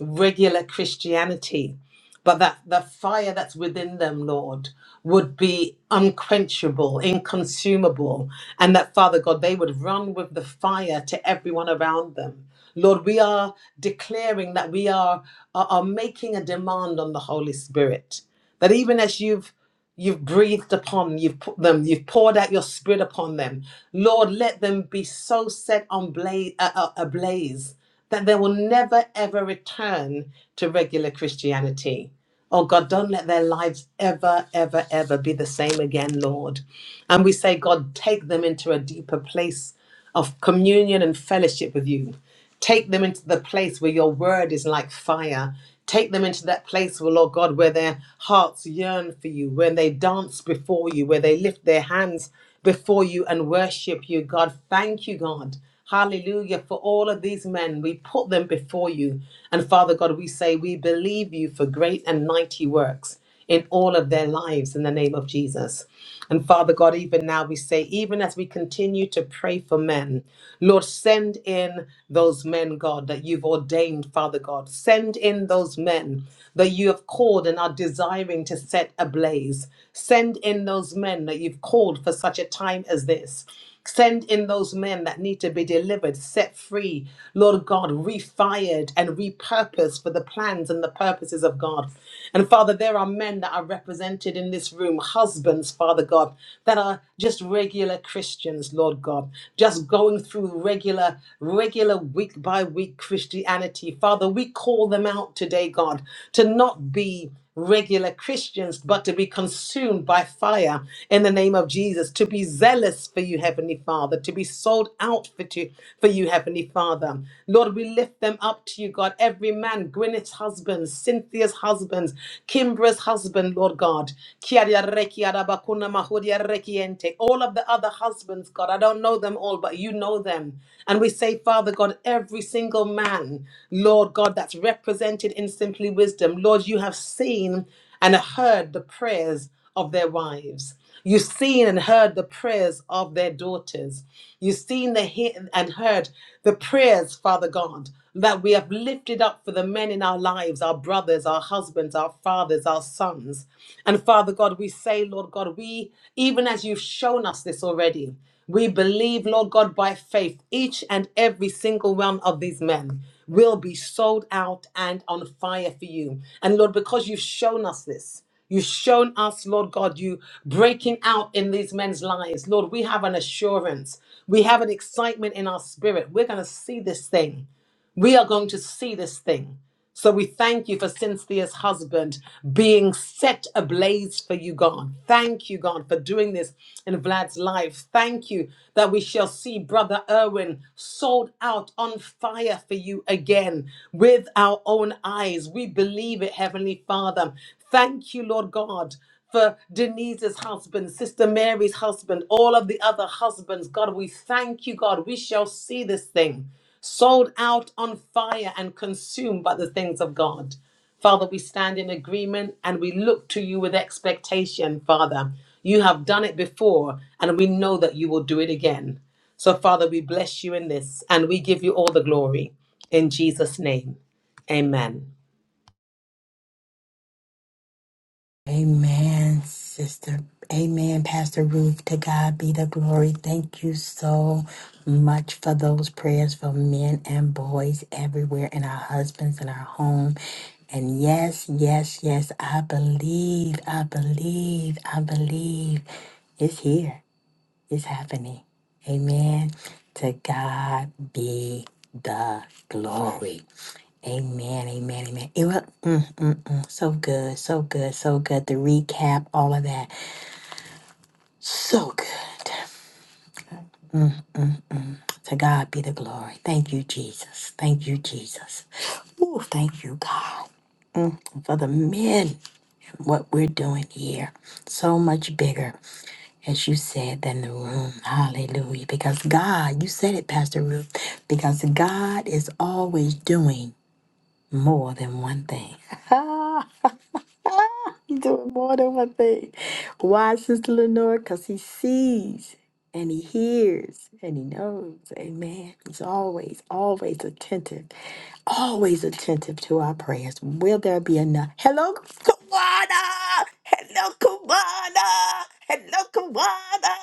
regular Christianity, but that the fire that's within them, Lord, would be unquenchable, inconsumable, and that, Father God, they would run with the fire to everyone around them. Lord, we are declaring that we are, are, are making a demand on the Holy Spirit, that even as you've You've breathed upon them, you've put them, you've poured out your spirit upon them. Lord, let them be so set on blaze, uh, uh, ablaze that they will never ever return to regular Christianity. Oh God, don't let their lives ever, ever, ever be the same again, Lord. And we say, God, take them into a deeper place of communion and fellowship with you. Take them into the place where your word is like fire. Take them into that place, where, Lord God, where their hearts yearn for you, where they dance before you, where they lift their hands before you and worship you. God, thank you, God. Hallelujah. For all of these men, we put them before you. And Father God, we say, we believe you for great and mighty works in all of their lives in the name of Jesus. And Father God, even now we say, even as we continue to pray for men, Lord, send in those men, God, that you've ordained, Father God. Send in those men that you have called and are desiring to set ablaze. Send in those men that you've called for such a time as this. Send in those men that need to be delivered, set free, Lord God, refired and repurposed for the plans and the purposes of God. And Father, there are men that are represented in this room, husbands, Father God, that are just regular Christians, Lord God, just going through regular, regular week by week Christianity. Father, we call them out today, God, to not be regular Christians, but to be consumed by fire in the name of Jesus, to be zealous for you, Heavenly Father, to be sold out for, to, for you, Heavenly Father. Lord, we lift them up to you, God. Every man, Gwyneth's husband, Cynthia's husband, Kimbra's husband, Lord God. Kiaria reki arabakuna mahuria reki All of the other husbands, God, I don't know them all, but you know them. And we say, Father God, every single man, Lord God, that's represented in Simply Wisdom, Lord, you have seen and heard the prayers of their wives. You've seen and heard the prayers of their daughters. You've seen the he- and heard the prayers, Father God, that we have lifted up for the men in our lives, our brothers, our husbands, our fathers, our sons. And Father God, we say, Lord God, we, even as you've shown us this already, we believe, Lord God, by faith, each and every single one of these men will be sold out and on fire for you. And Lord, because you've shown us this, You've shown us, Lord God, you breaking out in these men's lives. Lord, we have an assurance. We have an excitement in our spirit. We're going to see this thing. We are going to see this thing. So we thank you for Cynthia's husband being set ablaze for you, God. Thank you, God, for doing this in Vlad's life. Thank you that we shall see Brother Erwin sold out on fire for you again with our own eyes. We believe it, Heavenly Father. Thank you, Lord God, for Denise's husband, Sister Mary's husband, all of the other husbands. God, we thank you, God. We shall see this thing sold out on fire and consumed by the things of God. Father, we stand in agreement and we look to you with expectation, Father. You have done it before, and we know that you will do it again. So, Father, we bless you in this and we give you all the glory. In Jesus' name, amen. Amen, sister. Amen, Pastor Ruth. To God be the glory. Thank you so much for those prayers for men and boys everywhere in our husbands and our home. And yes, yes, yes, I believe, I believe, I believe it's here, it's happening. Amen. To God be the glory. Amen, amen, amen. It was mm, mm, mm, so good, so good, so good. The recap, all of that. So good. To God be the glory. Thank you, Jesus. Thank you, Jesus. Ooh, thank you, God, for the men, what we're doing here. So much bigger, as you said, than the room. Hallelujah. Because God, you said it, Pastor Ruth, because God is always doing more than one thing. <laughs> <laughs> He's doing more than one thing. Why, Sister Lenore? Because he sees and he hears and he knows. Amen. He's always, always attentive, always attentive to our prayers. Will there be enough? Hello, Kawana! Hello, Kawana! Hello, Kawana!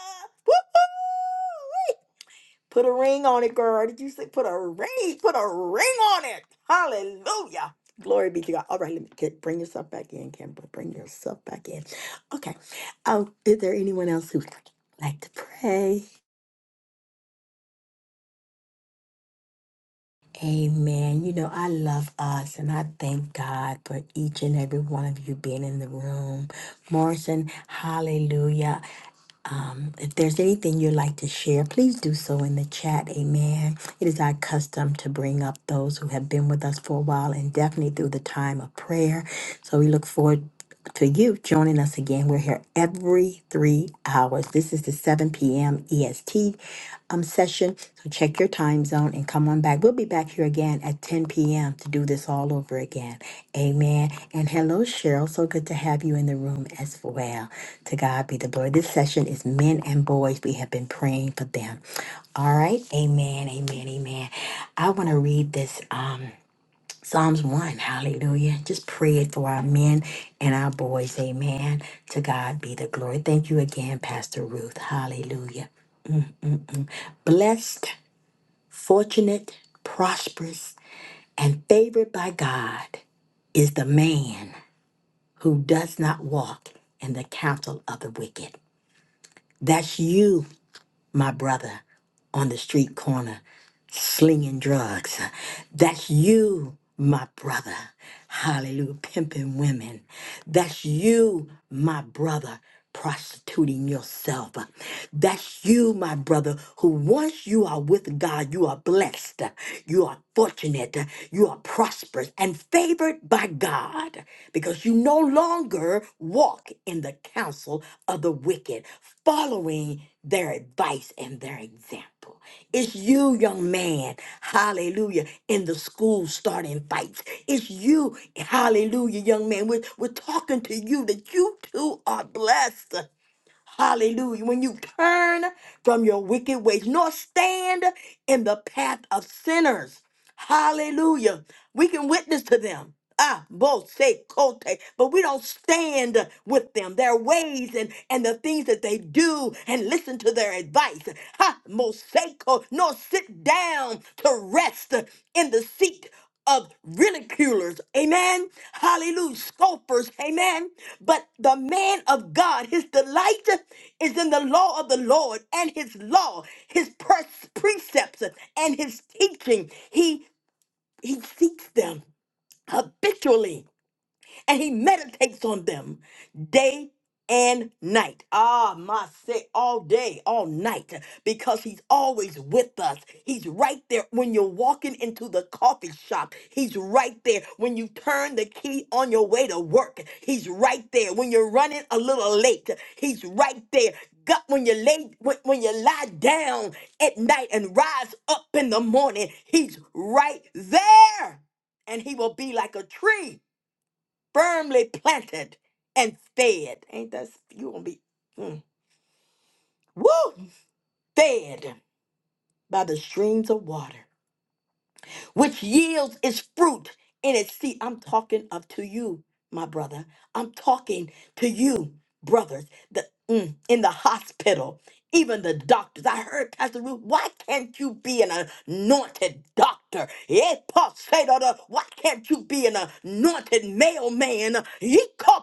Woo-hoo! Put a ring on it, girl. Did you say put a ring? Put a ring on it. Hallelujah. Glory be to God. All right, let me get, bring yourself back in, Kimber. Bring yourself back in. Okay. Um, is there anyone else who would like to pray? Amen. You know, I love us and I thank God for each and every one of you being in the room. Morrison, hallelujah. Um, if there's anything you'd like to share, please do so in the chat. Amen. It is our custom to bring up those who have been with us for a while and definitely through the time of prayer. So we look forward to you joining us again. We're here every three hours. This is the 7 p.m. EST um, session. So check your time zone and come on back. We'll be back here again at 10 p.m. to do this all over again. Amen. And hello, Cheryl. So good to have you in the room as well. To God be the glory. This session is men and boys. We have been praying for them. All right. Amen. Amen. Amen. I want to read this um Psalms 1. Hallelujah. Just pray it for our men and our boys. Amen. To God be the glory. Thank you again, Pastor Ruth. Hallelujah. Blessed Fortunate, prosperous, and favored by God is the man who does not walk in the counsel of the wicked. That's you, my brother, on the street corner slinging drugs. That's you, my brother. Hallelujah. Pimping women. That's you, my brother. Prostituting yourself. That's you, my brother, who once you are with God, you are blessed, you are fortunate, you are prosperous and favored by God because you no longer walk in the counsel of the wicked, following their advice and their example example. It's you, young man, hallelujah, in the school starting fights. It's you, hallelujah, young man. We're, we're talking to you that you too are blessed. Hallelujah. When you turn from your wicked ways, nor stand in the path of sinners. Hallelujah. We can witness to them. Ah, both say kote, but we don't stand with them, their ways and, and the things that they do and listen to their advice. Ha, moseko, nor sit down to rest in the seat of ridiculers, amen. Hallelujah, scoffers, amen. But the man of God, his delight is in the law of the Lord and his law, his pres- precepts, and his teaching. He he seeks them habitually and he meditates on them day and night. Ah, my say all day, all night, because he's always with us. He's right there when you're walking into the coffee shop. He's right there when you turn the key on your way to work. He's right there when you're running a little late. He's right there. God, when you lay when, when you lie down at night and rise up in the morning, he's right there. And he will be like a tree firmly planted and fed. Ain't that you gonna be mm, woo fed by the streams of water, which yields its fruit in its seed. I'm talking of to you, my brother. I'm talking to you, brothers, the mm, in the hospital, even the doctors. I heard Pastor Ruth, why can't you be an anointed doctor? Eh, Paul said, "Oh, the. Why can't you be an anointed mailman?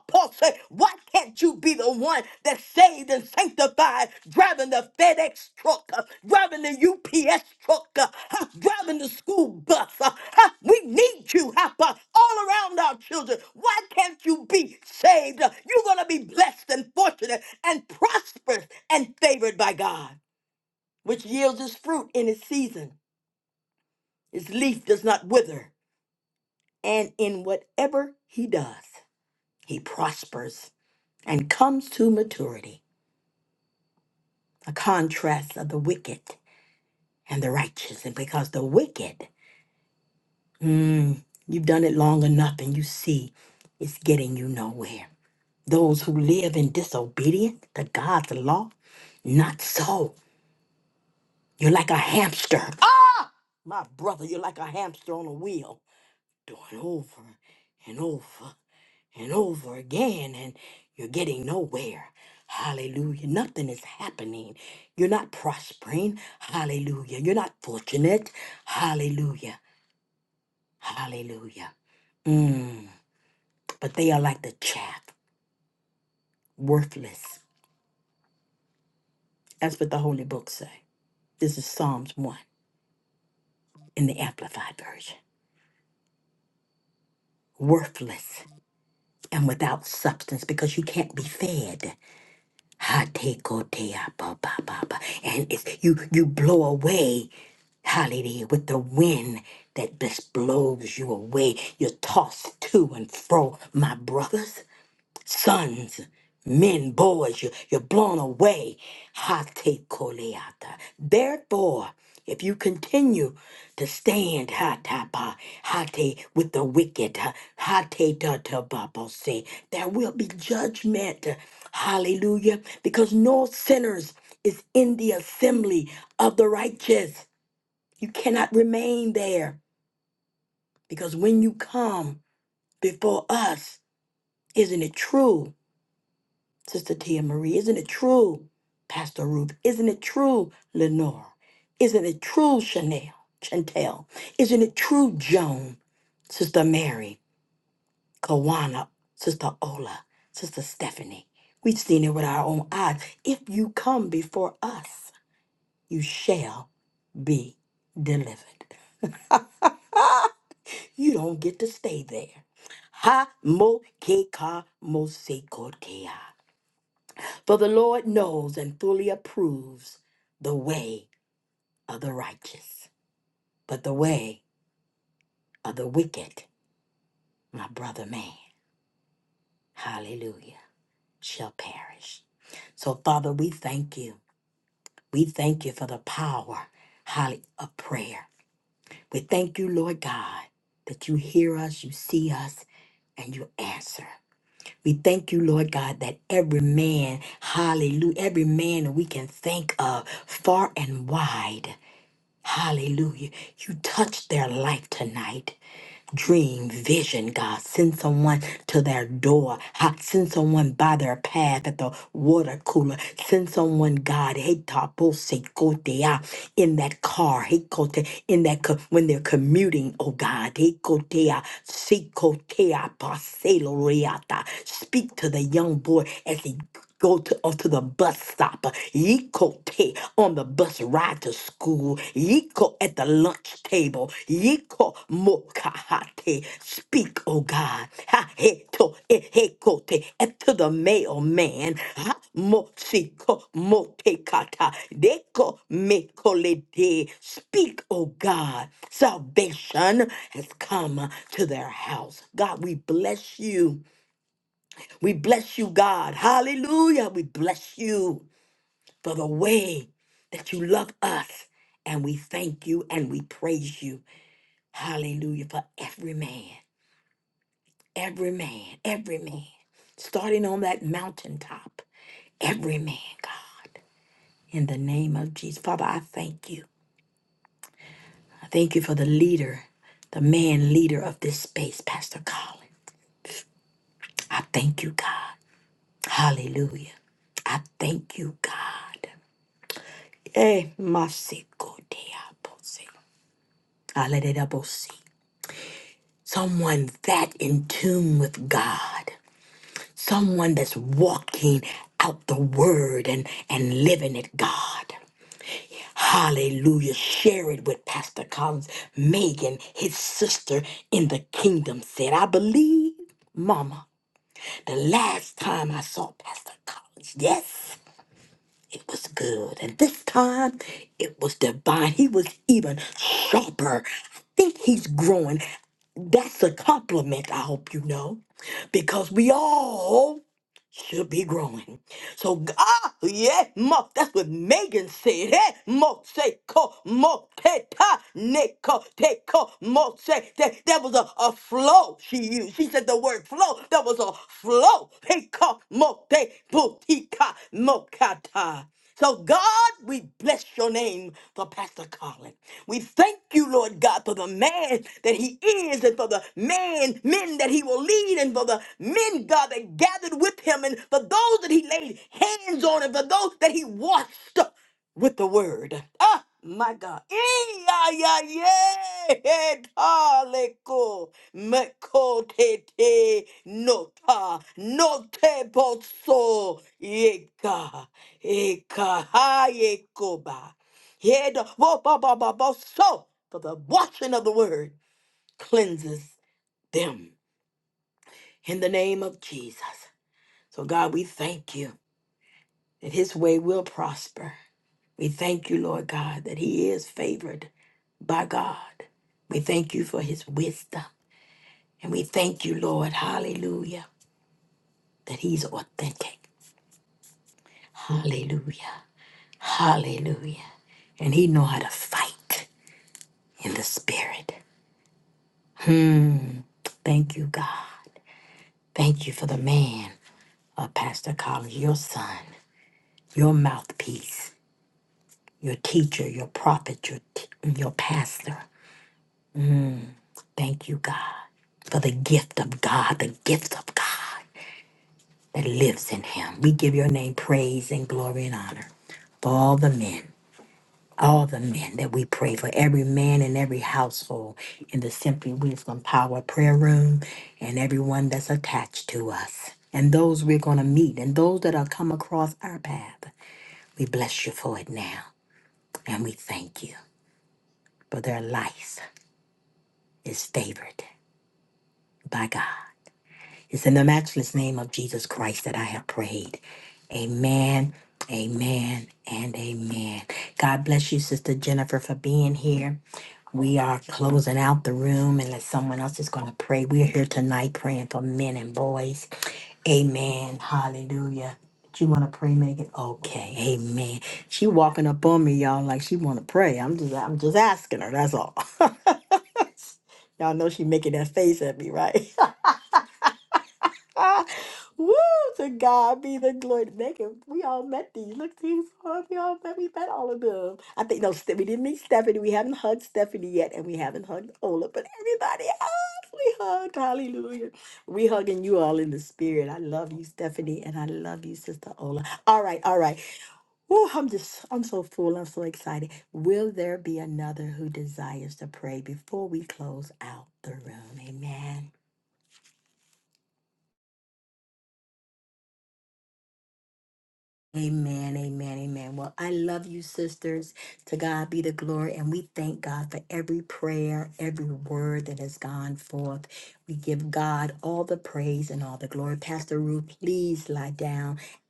Paul said, Why can't you be the one that's saved and sanctified, driving the FedEx truck, uh, driving the UPS truck, uh, huh, driving the school bus? uh, huh? We need you huh, uh, all around our children. Why can't you be saved? Uh, You're going to be blessed and fortunate and prosperous and favored by God, which yields its fruit in its season. Its leaf does not wither, and in whatever he does, he prospers and comes to maturity. a contrast of the wicked and the righteous. And because the wicked, mm, you've done it long enough and you see it's getting you nowhere. Those who live in disobedience to God's law, not so. You're like a hamster. Ah! My brother, you're like a hamster on a wheel, doing over and over and over again, and you're getting nowhere. Hallelujah. Nothing is happening. You're not prospering. Hallelujah. You're not fortunate. Hallelujah. Hallelujah. Mm. But they are like the chaff, worthless. That's what the holy books say. This is Psalms 1 in the Amplified Version. Worthless and without substance because you can't be fed. Hatekotea ba ba ba ba. And it's you you blow away, hallelujah, with the wind that just blows you away. You're tossed to and fro, my brothers sons, men, boys, you, you're blown away. Hate koleata. Therefore, if you continue to stand hatapa, hate with the wicked, hate say, there will be judgment. Hallelujah. Because no sinners is in the assembly of the righteous. You cannot remain there because when you come before us, isn't it true? Sister Tia Marie, isn't it true? Pastor Ruth, isn't it true, Lenora? Isn't it true, Chanel? Chantel, isn't it true, Joan? Sister Mary, Kawana, Sister Ola, Sister Stephanie. We've seen it with our own eyes. If you come before us, you shall be delivered. <laughs> you don't get to stay there. Ha mo ke ka mo se ko ke ya. For the Lord knows and fully approves the way of the righteous, but the way of the wicked, my brother man, hallelujah, shall perish. So, Father, we thank you. We thank you for the power, hallelujah, of prayer. We thank you, Lord God, that you hear us, you see us, and you answer. We thank you, Lord God, that every man, hallelujah, every man that we can think of far and wide. Hallelujah. You touched their life tonight dream, vision, God. Send someone to their door. Ha- Send someone by their path at the water cooler. Send someone, God, hey, tapo se kote, ah, in that car, hey, kote, in that co- when they're commuting, oh God, hey, kote, ah, se kote, ah, paselo reata. Speak to the young boy as he go to onto the bus stop. Yikote on the bus ride to school. Yiko at the lunch table. Yiko Mokahate. Speak, O God. Ha heto ehekote and to the mailman. Ha mosiko motekata. Deko mekolede. Speak, O God. Salvation has come to their house. God, we bless you. We bless you, God. Hallelujah. We bless you for the way that you love us. And we thank you and we praise you. Hallelujah for every man. Every man, every man, starting on that mountaintop, every man, God, in the name of Jesus. Father, I thank you. I thank you for the leader, the man leader of this space, Pastor Colin. I thank you, God. Hallelujah. I thank you, God. Eh, masiko diabose. Alelelabose. Someone that in tune with God. someone that's walking out the word and and living it god hallelujah share it with pastor collins megan his sister in the kingdom said i believe mama the last time i saw pastor collins yes it was good and this time it was divine he was even sharper i think he's growing that's a compliment i hope you know because we all should be growing. So God, yeah, mo, that's what Megan said. Hey, mo say ko mo te ta ne ko te ko mo say that that was a, a flow she used. She said the word flow. That was a flow. Hey ko mo te putika mo kata. So, God, we bless your name for Pastor Colin. We thank you, Lord God, for the man that he is and for the man, men that he will lead and for the men, God, that gathered with him and for those that he laid hands on and for those that he washed with the word. Ah, my God. Eh, Yeah, yeah, yeah. Eh, taleko, mekotete, Nota, note boso, yeka, eka, ha, yekoba. Yeda, wo, ba, ba, ba, bo, so. For the washing of the word cleanses them in the name of Jesus. So, God, we thank you that his way will prosper. We thank you, Lord God, that he is favored by God. We thank you for his wisdom. And we thank you, Lord, hallelujah, that he's authentic. Hallelujah. Hallelujah. And he know how to fight in the spirit. Thank you, God. Thank you for the man of Pastor Collins, your son, your mouthpiece, your teacher, your prophet, your, t- your pastor. Thank you, God, for the gift of God, the gift of God. that lives in him. We give your name praise and glory and honor for all the men, all the men that we pray for, every man in every household in the Simply Wisdom Power Prayer Room, and everyone that's attached to us, and those we're going to meet, and those that are come across our path. We bless you for it now, and we thank you for their life is favored by God. It's in the matchless name of Jesus Christ that I have prayed. Amen, amen, and amen. God bless you, Sister Jennifer, for being here. We are closing out the room unless someone else is going to pray. We're here tonight praying for men and boys. Amen. Hallelujah. You want to pray, Megan? Okay. Amen. She walking up on me, y'all, like she want to pray. I'm just, I'm just asking her. That's all. <laughs> y'all know she making that face at me, right? <laughs> <laughs> Ah, Woo! To God be the glory. They can, we all met these. Look, these all- we all met. We met all of them. I think no, Ste- we didn't meet Stephanie. We haven't hugged Stephanie yet, and we haven't hugged Ola. But everybody else, we hugged. Hallelujah. We hugging you all in the spirit. I love you, Stephanie, and I love you, Sister Ola. All right, all right. Woo! I'm just, I'm so full. I'm so excited. Will there be another who desires to pray before we close out the room? Amen. Amen, amen, amen. Well, I love you, sisters. To God be the glory. And we thank God for every prayer, every word that has gone forth. We give God all the praise and all the glory. Pastor Ruth, please lie down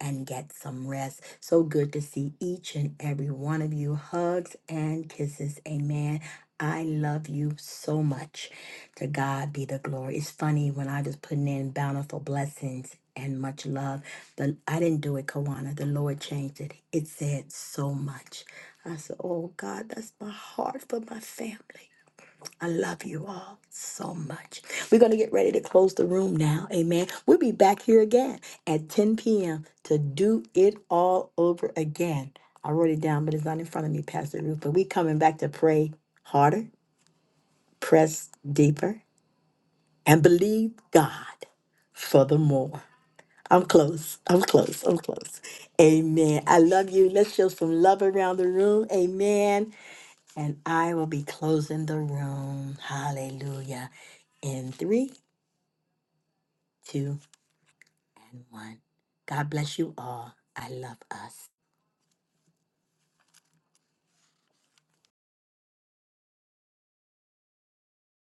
and get some rest. So good to see each and every one of you. Hugs and kisses. Amen. I love you so much. To God be the glory. It's funny when I was putting in bountiful blessings and much love. but I didn't do it, Kawana. The Lord changed it. It said so much. I said, Oh God, that's my heart for my family. I love you all so much. We're going to get ready to close the room now. Amen. We'll be back here again at 10 p.m. to do it all over again. I wrote it down, but it's not in front of me, Pastor Ruth. But we coming back to pray harder, press deeper, and believe God for the more. I'm close. I'm close. I'm close. Amen. I love you. Let's show some love around the room. Amen. And I will be closing the room. Hallelujah. In three, two, and one. God bless you all. I love us.